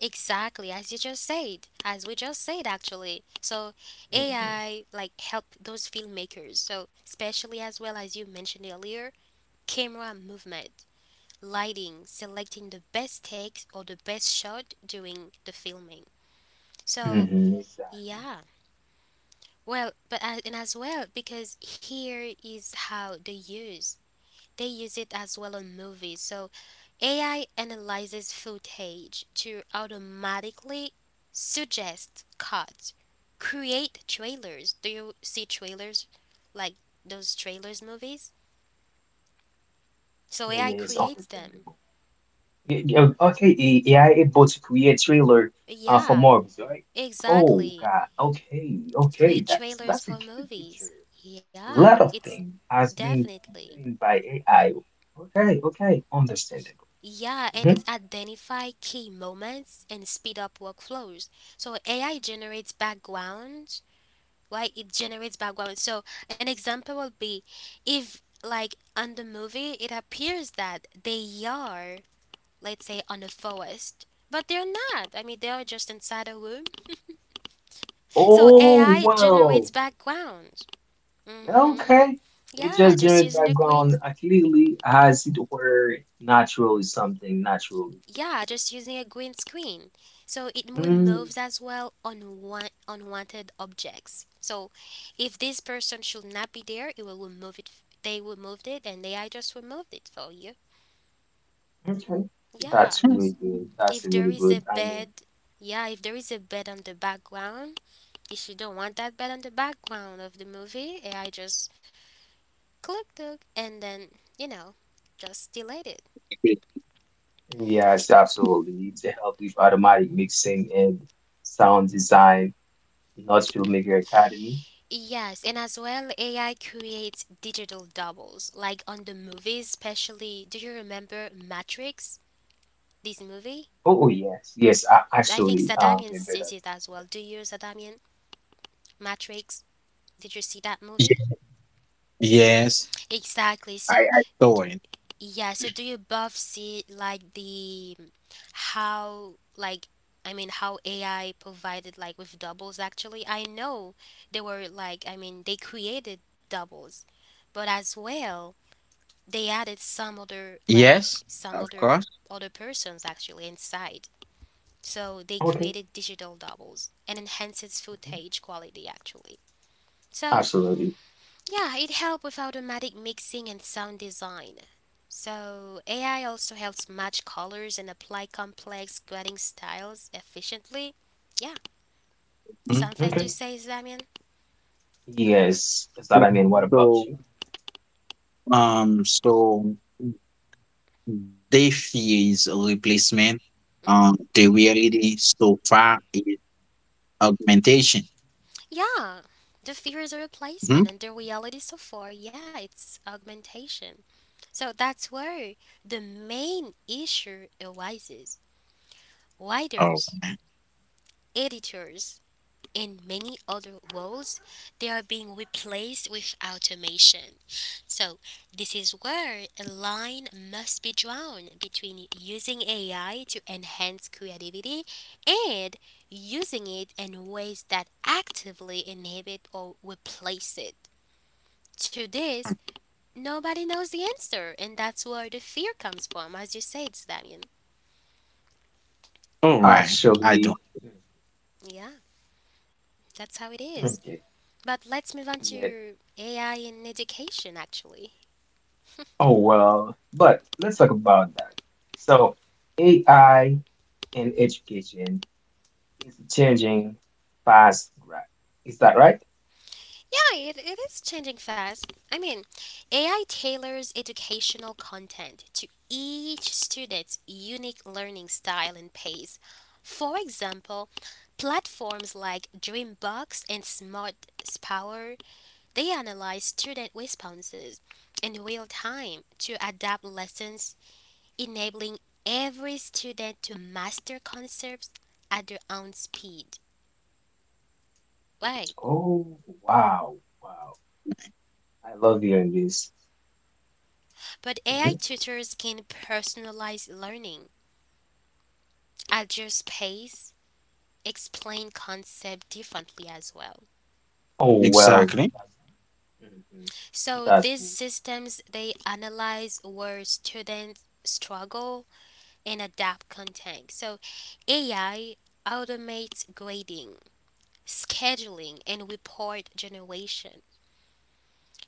Speaker 1: exactly as you just said, as we just said actually. So
Speaker 2: Hmm.
Speaker 1: AI like help those filmmakers. So especially as well as you mentioned earlier, camera movement, lighting, selecting the best takes or the best shot during the filming. So
Speaker 2: Hmm, exactly.
Speaker 1: yeah. Well, but as, and as well because here is how use they use it as well on movies. So AI analyzes footage to automatically suggest cuts, create trailers. Do you see trailers like those trailers movies? So
Speaker 2: Yeah,
Speaker 1: AI
Speaker 2: yeah, it's
Speaker 1: creates them.
Speaker 2: understandable. Yeah, okay, AI able to create trailer for
Speaker 1: Yeah,
Speaker 2: Morbius, right? Oh
Speaker 1: exactly.
Speaker 2: God, okay, okay,
Speaker 1: Create
Speaker 2: that's
Speaker 1: trailers
Speaker 2: a
Speaker 1: for
Speaker 2: good picture.
Speaker 1: movies. Yeah,
Speaker 2: Lot of
Speaker 1: it's
Speaker 2: things has been
Speaker 1: definitely.
Speaker 2: done by AI. Okay, okay,
Speaker 1: Y-
Speaker 2: understandable.
Speaker 1: Yeah, and
Speaker 2: Mhm.
Speaker 1: it identify key moments and speed up workflows. So AI generates background, right? It generates background. So an example would be if like on the movie it appears that they are, let's say, on a forest. But they're not. I mean, they are just inside a room. So
Speaker 2: Oh
Speaker 1: AI generates
Speaker 2: well,
Speaker 1: background. Mm-hmm.
Speaker 2: okay. It
Speaker 1: Yeah,
Speaker 2: just
Speaker 1: just
Speaker 2: generated
Speaker 1: using a green
Speaker 2: background clearly as it were naturally, something naturally.
Speaker 1: yeah, just using a green screen. So it
Speaker 2: Mm,
Speaker 1: removes as well unwanted objects. So if this person should not be there, it will remove it. They removed it and AI just removed it for you.
Speaker 2: okay,
Speaker 1: Yeah.
Speaker 2: that's really good. That's
Speaker 1: If there
Speaker 2: really
Speaker 1: is a
Speaker 2: good, I mean.
Speaker 1: bed, yeah, if there is a bed on the background, if you don't want that bed on the background of the movie, AI just click, click, and then, you know, just delete it.
Speaker 2: Yes, absolutely. Need to help with automatic mixing and sound design, not Filmmaker Academy.
Speaker 1: Yes, and as well, AI creates digital doubles, like on the movies, especially. Do you remember Matrix? This movie?
Speaker 2: Oh, yes, yes, I
Speaker 1: I think
Speaker 2: actually
Speaker 1: Zadamian
Speaker 2: remember that.
Speaker 1: sees it as well. Do you, Zadamian? Matrix? Did you see that
Speaker 3: Ye-
Speaker 1: movie?
Speaker 3: Yes,
Speaker 1: Exactly.
Speaker 3: I,
Speaker 1: So,
Speaker 3: I saw it.
Speaker 1: yeah, so do you both see like the how, like, I mean, how AI provided like with doubles actually? I know they were like, I mean, they created doubles, but as well. They added some other
Speaker 3: Yes,
Speaker 1: some
Speaker 3: of
Speaker 1: other
Speaker 3: course.
Speaker 1: other persons actually inside. So they
Speaker 2: Okay,
Speaker 1: created digital doubles and enhances
Speaker 2: mhm,
Speaker 1: footage quality actually. So
Speaker 2: absolutely.
Speaker 1: yeah, it helped with automatic mixing and sound design. So AI also helps match colors and apply complex grading styles efficiently. Yeah,
Speaker 3: Mm.
Speaker 1: something
Speaker 2: Okay.
Speaker 1: to say, Damian?
Speaker 2: Yes, is that,
Speaker 3: Mm.
Speaker 2: I mean, what about
Speaker 3: So
Speaker 2: you?
Speaker 3: so they fear is a replacement. Um
Speaker 1: hmm
Speaker 3: the reality so far is augmentation.
Speaker 1: Yeah, the fear is a
Speaker 3: Mhm.
Speaker 1: replacement, and the reality so far, yeah, it's augmentation. So that's where the main issue arises.
Speaker 3: Oh,
Speaker 1: Writers, editors, and many other roles they are being replaced with automation. So this is where a line must be drawn between using AI to enhance creativity and using it in ways that actively inhibit or replace it. To this, nobody knows the answer, and that's where the fear comes from, as you said, Damien.
Speaker 3: all right. I don't
Speaker 2: Actually,
Speaker 1: Yeah, that's how it
Speaker 2: mm,
Speaker 1: is.
Speaker 2: okay.
Speaker 1: But let's move on
Speaker 2: Yeah.
Speaker 1: to AI in education, actually.
Speaker 2: Oh, well, but let's talk about that. So, AI in education is changing fast, right? Is that right?
Speaker 1: Yeah, it is changing fast. I mean, AI tailors educational content to each student's unique learning style and pace. For example, platforms like Dreambox and Smart Power, they analyze student responses in real time to adapt lessons, enabling every student to master concepts at their own speed. Right.
Speaker 2: Oh, wow, wow. I love hearing this.
Speaker 1: But AI
Speaker 2: Mhm.
Speaker 1: tutors can personalize learning, adjust pace, explain concept differently as well.
Speaker 2: Oh well,
Speaker 3: exactly.
Speaker 2: that's, mhm,
Speaker 1: So
Speaker 2: that's
Speaker 1: these
Speaker 2: it.
Speaker 1: systems they analyze where students struggle and adapt content. So AI automates grading, scheduling, and report generation,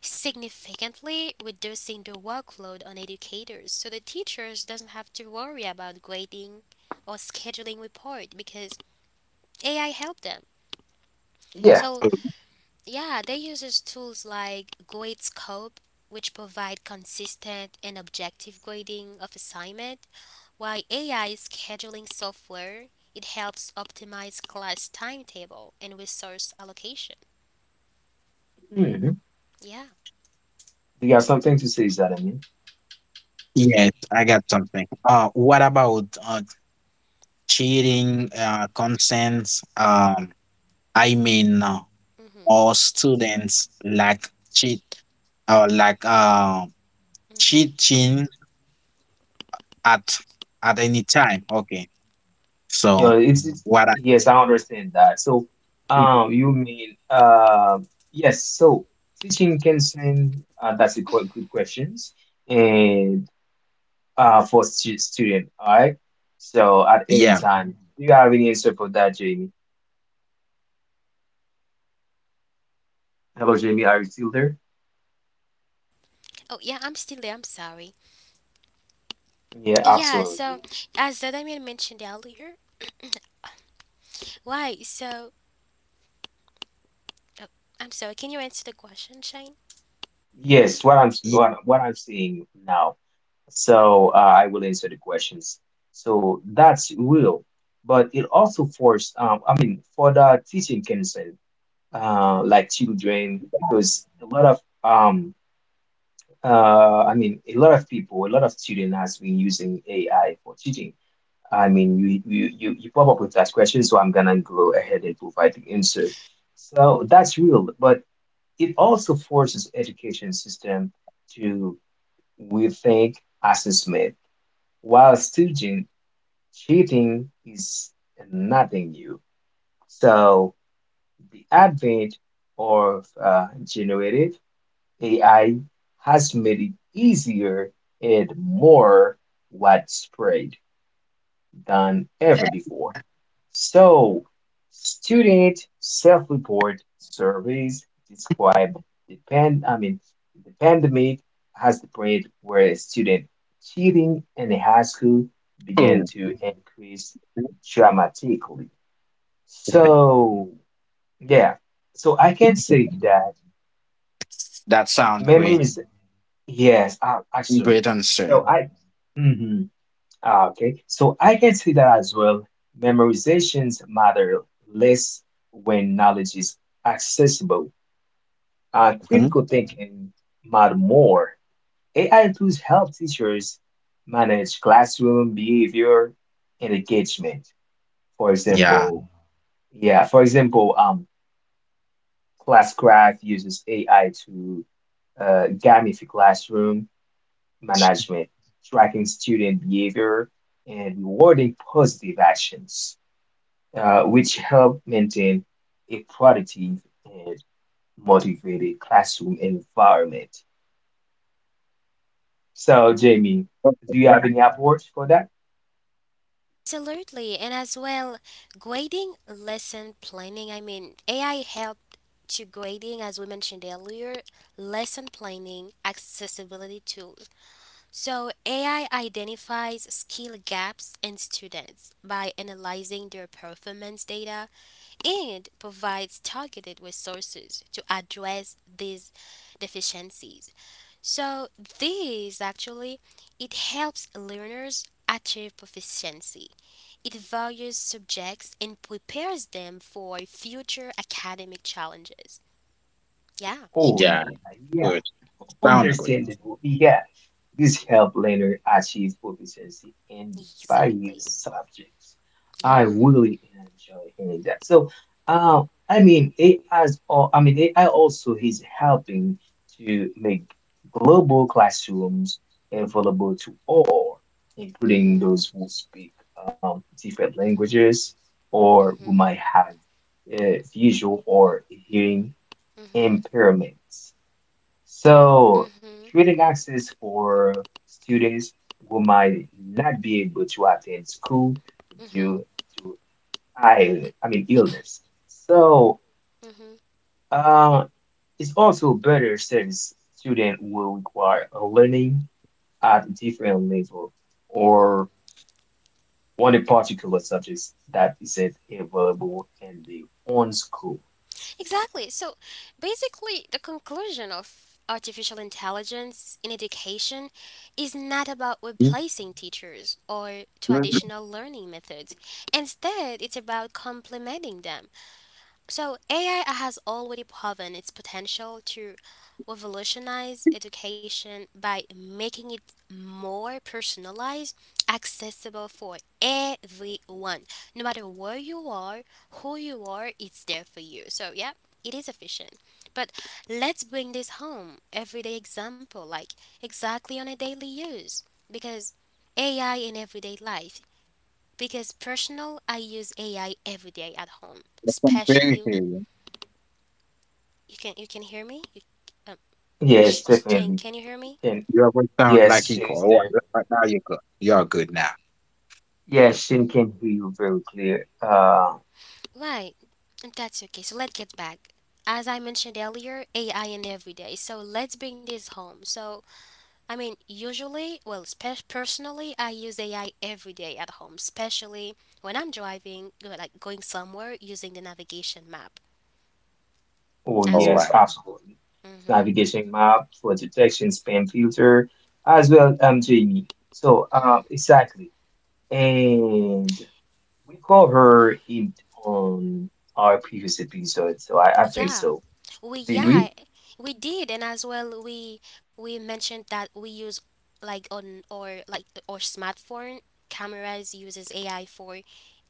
Speaker 1: significantly reducing the workload on educators so the teachers doesn't have to worry about grading or scheduling report because AI helped them.
Speaker 2: Yeah.
Speaker 1: So yeah, they uses tools like GradeScope which provide consistent and objective grading of assignment, while AI scheduling software it helps optimize class timetable and resource allocation.
Speaker 2: Hmm. Mhm.
Speaker 1: Yeah.
Speaker 2: Do you have something to say, Zadamin?
Speaker 3: Yes, I got something. What about cheating, consent? Um, I mean, all students like cheat or like
Speaker 1: Mhm.
Speaker 3: cheating at at any time. Okay,
Speaker 2: You
Speaker 3: so
Speaker 2: know, it's
Speaker 3: what I
Speaker 2: yes, I understand that. So, you mean yes. So teaching consent, that's a quite good questions, and for student, all right. So at any
Speaker 3: yeah,
Speaker 2: time, do you have any answer for that, Jamie? Hello, Jamie. Are you still there?
Speaker 1: Oh, yeah, I'm still there. I'm sorry.
Speaker 2: Yeah,
Speaker 1: Yeah, so
Speaker 2: absolutely.
Speaker 1: as Damian mentioned earlier, why? So, oh, I'm sorry. Can you answer the question, Shane?
Speaker 2: Yes, what
Speaker 3: ye-
Speaker 2: what I'm seeing now. So I will answer the questions. So that's real, but it also forced. I mean, for the teaching concern, like children, because a lot of I mean, a lot of people, a lot of children has been using AI for teaching. I mean, you pop up with that question, so I'm gonna go ahead and provide the answer. So that's real, but it also forces education system to we think assessment. While student cheating is nothing new. So the advent of generative AI has made it easier and more widespread than ever before. So, student self-report surveys describe the pan, I mean, the pandemic has the point where student cheating in the high school began to increase dramatically. So, yeah, so I can say that
Speaker 3: that sound great.
Speaker 2: memories, yes, actually.
Speaker 3: Great answer.
Speaker 2: Mhm. Ah, okay, so I can see that as well. Memorizations matter less when knowledge is accessible.
Speaker 3: Mhm.
Speaker 2: Critical thinking matter more. AI tools help teachers manage classroom behavior and engagement. For
Speaker 3: Yeah.
Speaker 2: example, yeah, for example, Classcraft uses AI to gamify classroom management, tracking student behavior and rewarding positive actions, which help maintain a productive and motivated classroom environment. So, Jamie,
Speaker 3: Okay,
Speaker 2: do you have
Speaker 3: right.
Speaker 2: any approach for that?
Speaker 1: Absolutely, and as well, grading lesson planning. I mean, AI helped to grading, as we mentioned earlier, lesson planning, accessibility tools. So, AI identifies skill gaps in students by analyzing their performance data and provides targeted resources to address these deficiencies. So, this actually it helps learners achieve proficiency. It values subjects and prepares them for future academic challenges. Yeah,
Speaker 2: Oh,
Speaker 3: Yeah,
Speaker 2: yeah, yeah.
Speaker 3: good. Sound great.
Speaker 2: Understandable, yeah. This help later achieve proficiency in
Speaker 1: exactly.
Speaker 2: various subjects. I
Speaker 1: Yeah.
Speaker 2: really enjoy hearing that. So, uh, I mean, AI also is helping to make global classrooms available to all, including
Speaker 1: Mhm.
Speaker 2: those who speak different languages or who
Speaker 1: Mhm.
Speaker 2: might have visual or hearing
Speaker 1: Mhm.
Speaker 2: impairments. So
Speaker 1: Mhm.
Speaker 2: creating access for students who might not be able to attend school
Speaker 1: Mhm.
Speaker 2: due to illness. So
Speaker 1: Mm-hmm,
Speaker 2: uh, it's also better since students will require a learning at different level
Speaker 1: mm-hmm.
Speaker 2: or on a particular subject that isn't available in the own school.
Speaker 1: Exactly. So basically, the conclusion of artificial intelligence in education is not about
Speaker 3: Mhm.
Speaker 1: replacing teachers or
Speaker 3: Mhm.
Speaker 1: traditional learning methods. Instead, it's about complementing them. So AI has already proven its potential to revolutionize education by making it more personalized, accessible for everyone. No matter where you are, who you are, it's there for you. So yeah, it is efficient. But let's bring this home. Everyday example, like exactly on a daily use. Because AI in everyday life. Because personal, I use AI every day at home,
Speaker 3: Very
Speaker 1: especially
Speaker 3: good.
Speaker 1: you can hear me? Um,
Speaker 2: Yes,
Speaker 1: Shane,
Speaker 2: definitely.
Speaker 1: can you hear me?
Speaker 2: And
Speaker 3: You voice sound
Speaker 2: yes,
Speaker 3: like he
Speaker 2: she's
Speaker 3: all
Speaker 2: there.
Speaker 3: right, right now you're good. You're good now.
Speaker 2: Yes, Shin can hear you very clear.
Speaker 1: Right. That's okay. So let's get back. As I mentioned earlier, AI in every day. So let's bring this home. So I mean, usually, well, personally, I use AI every day at home, especially when I'm driving, like going somewhere using the navigation map
Speaker 2: Oh
Speaker 1: as
Speaker 3: All
Speaker 2: yes,
Speaker 1: well.
Speaker 3: right.
Speaker 2: absolutely. It's
Speaker 1: Mhm.
Speaker 2: navigation map for detection spam filter as well, Jamie. So, exactly. And we covered it on our previous episode, so I think
Speaker 1: Yeah,
Speaker 2: so.
Speaker 1: we
Speaker 2: Did we?
Speaker 1: yeah we did, and as well we mentioned that we use like on or like or smartphone cameras uses AI for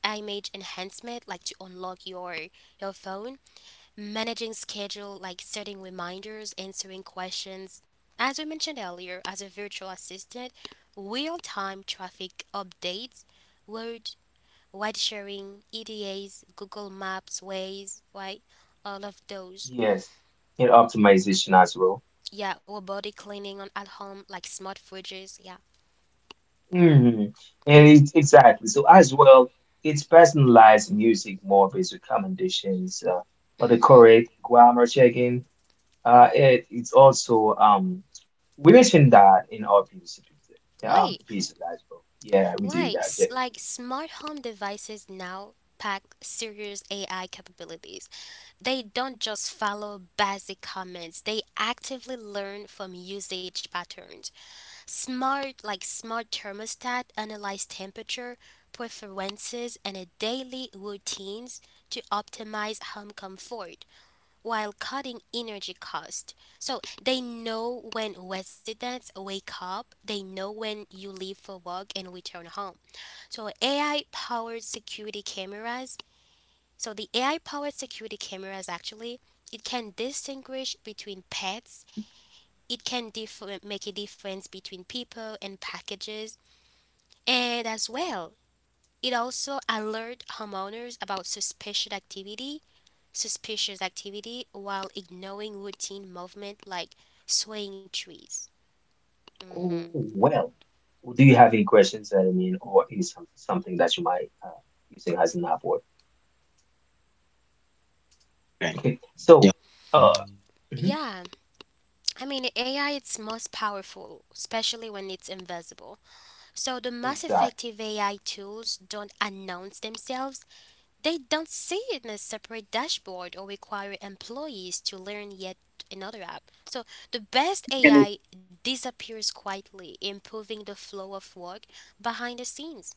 Speaker 1: image enhancement, like to unlock your phone, managing schedule, like setting reminders, answering questions. As we mentioned earlier, as a virtual assistant, real time traffic updates, word wide sharing, EDAs, Google Maps, Waze, right? All of those.
Speaker 2: Yes. And optimization as well.
Speaker 1: Yeah, robotic cleaning on at home, like smart fridges. Yeah.
Speaker 2: Hmm. And it's exactly. So as well, it's personalized music more based recommendations, or the
Speaker 1: Mhm.
Speaker 2: correct grammar checking. It's also we mentioned that in our previous episode,
Speaker 1: Why?
Speaker 2: episode, as well. Yeah, we
Speaker 1: Why?
Speaker 2: did that, Jamie.
Speaker 1: Like smart home devices now pack serious AI capabilities. They don't just follow basic commands. They actively learn from usage patterns. Smart thermostat, analyze temperature, preferences, and a daily routines to optimize home comfort. While cutting energy cost. So they know when residents wake up, they know when you leave for work and return home. So AI powered security cameras. So the AI powered security cameras actually it can distinguish between pets,
Speaker 2: Hmm.
Speaker 1: it can make a difference between people and packages, and as well, it also alert homeowners about suspicious activity while ignoring routine movement like swaying trees. hmm
Speaker 2: Oh well. Do you have any questions that, I mean, or is some, something that you might using as an upword?
Speaker 3: Okay.
Speaker 2: Okay,
Speaker 3: Yeah.
Speaker 2: so uh, mhm,
Speaker 1: Yeah, I mean AI it's most powerful, especially when it's invisible. So the most
Speaker 2: exactly.
Speaker 1: effective AI tools don't announce themselves. They don't see it in a separate dashboard or require employees to learn yet another app. So the best
Speaker 3: Can you-
Speaker 1: AI disappears quietly, improving the flow of work behind the scenes.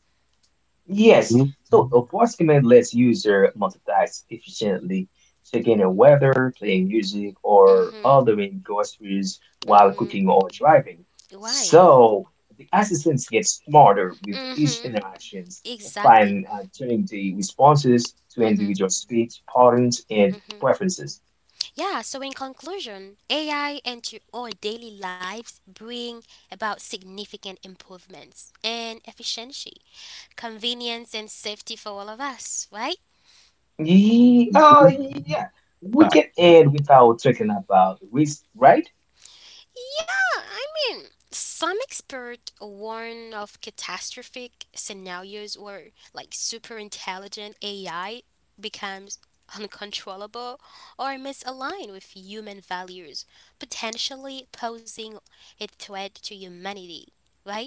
Speaker 2: Yes,
Speaker 3: Mhm,
Speaker 2: so the voice command lets user multitask efficiently, checking the weather, playing music, or
Speaker 1: Mhm.
Speaker 2: ordering groceries while
Speaker 1: Mhm.
Speaker 2: cooking or driving.
Speaker 1: Why?
Speaker 2: So the assistants get smarter with each
Speaker 1: Mm-hmm.
Speaker 2: interactions,
Speaker 1: Exactly.
Speaker 2: find turning the responses to
Speaker 1: Mm-hmm.
Speaker 2: individual speech patterns and
Speaker 1: Mm-hmm.
Speaker 2: preferences.
Speaker 1: Yeah, so in conclusion, AI into our daily lives bring about significant improvements and efficiency, convenience and safety for all of us, right?
Speaker 2: Ye- uh,
Speaker 3: mhm.
Speaker 2: yeah, we
Speaker 3: Fine.
Speaker 2: can end without talking about risk, right?
Speaker 1: Yeah, I mean, some experts warn of catastrophic scenarios where like super intelligent AI becomes uncontrollable or misaligned with human values, potentially posing a threat to humanity, right?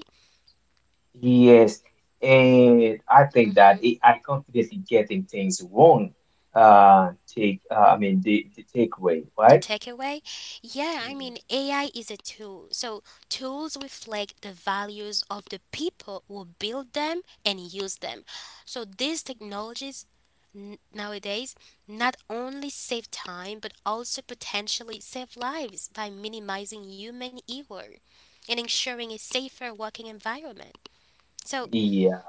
Speaker 2: Yes, and I think
Speaker 1: Mm-hmm.
Speaker 2: that it, I confidently getting things wrong. Take I mean the takeaway,
Speaker 1: The
Speaker 2: right?
Speaker 1: takeaway? Yeah, I
Speaker 2: Hmm.
Speaker 1: mean, AI is a tool. So tools reflect the values of the people who build them and use them. So these technologies nowadays not only save time but also potentially save lives by minimizing human error and ensuring a safer working environment. So,
Speaker 2: Yeah.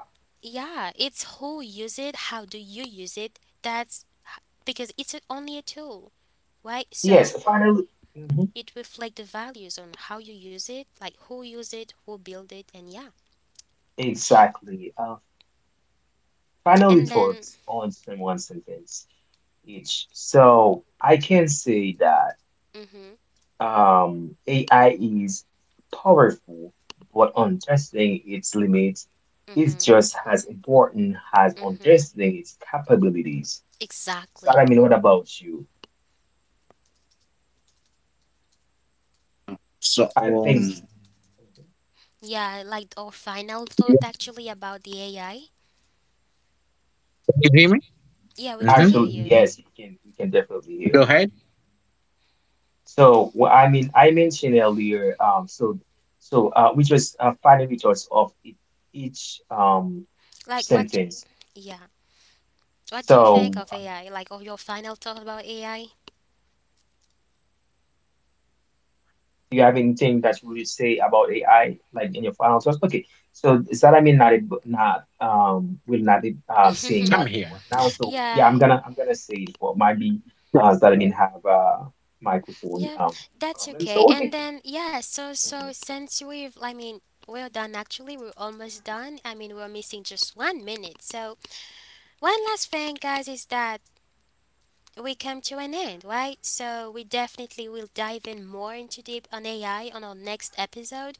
Speaker 1: yeah, it's who use it, how do you use it? That's because it's only a tool, right?
Speaker 2: Yes.
Speaker 1: So,
Speaker 2: Finally, mhm,
Speaker 1: it reflects the values on how you use it, like who use it, who build it, and yeah.
Speaker 2: exactly. Finally,
Speaker 1: And then,
Speaker 2: thoughts on some one sentence each. So I can say that
Speaker 1: mm-hmm,
Speaker 2: AI is powerful, but understanding its limits is
Speaker 1: mm-hmm,
Speaker 2: just as important as
Speaker 1: mm-hmm,
Speaker 2: understanding its capabilities. So
Speaker 1: exactly.
Speaker 2: I mean, what about you?
Speaker 3: So,
Speaker 2: I think
Speaker 1: Yeah, like our final
Speaker 3: you
Speaker 1: thought actually about the AI.
Speaker 3: you hear me?
Speaker 1: Yeah, we can
Speaker 3: Mm-hmm.
Speaker 1: hear
Speaker 2: actually,
Speaker 1: you.
Speaker 2: yes, we can definitely hear
Speaker 3: Go
Speaker 2: you.
Speaker 3: ahead.
Speaker 2: So, I mean, I mentioned earlier, so we just final results of each
Speaker 1: Like what?
Speaker 2: sentence.
Speaker 1: Yeah, what do you think
Speaker 2: So
Speaker 1: of AI? Like, or your final thought about AI?
Speaker 2: do you have anything that you would say about AI, like in your final thoughts? Okay, so does that, I mean, not will not be saying
Speaker 3: I'm
Speaker 2: nothing
Speaker 3: here.
Speaker 2: right now? So yeah,
Speaker 1: Yeah,
Speaker 2: I'm gonna say it for maybe that I mean have microphone
Speaker 1: yeah, that's
Speaker 2: problem. So
Speaker 1: okay.
Speaker 2: okay,
Speaker 1: And then yeah, so
Speaker 2: mhm,
Speaker 1: since we've, I mean, we're done actually. We're almost done. I mean, we're missing just 1 minute. So one last thing, guys, is that we come to an end, right? So we definitely will dive in more into deep on AI on our next episode.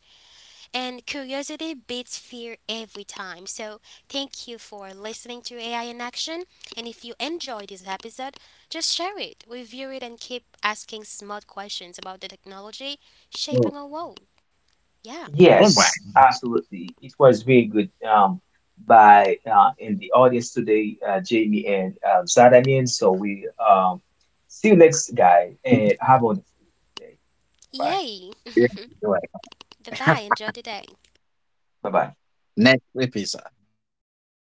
Speaker 1: And curiosity beats fear every time. So thank you for listening to AI in action. And if you enjoyed this episode, just share it, review it, and keep asking smart questions about the technology
Speaker 3: Oh.
Speaker 1: shaping our world. Yeah.
Speaker 3: All right.
Speaker 2: yes, absolutely. It was very good by in the audience today, Jamie and Zadamin. So we see you next guy and have a wonderful day.
Speaker 1: Yay!
Speaker 3: Yeah. Go
Speaker 1: Bye bye.
Speaker 3: ahead.
Speaker 1: Enjoy the day.
Speaker 2: Bye bye.
Speaker 3: Next episode. Yeah.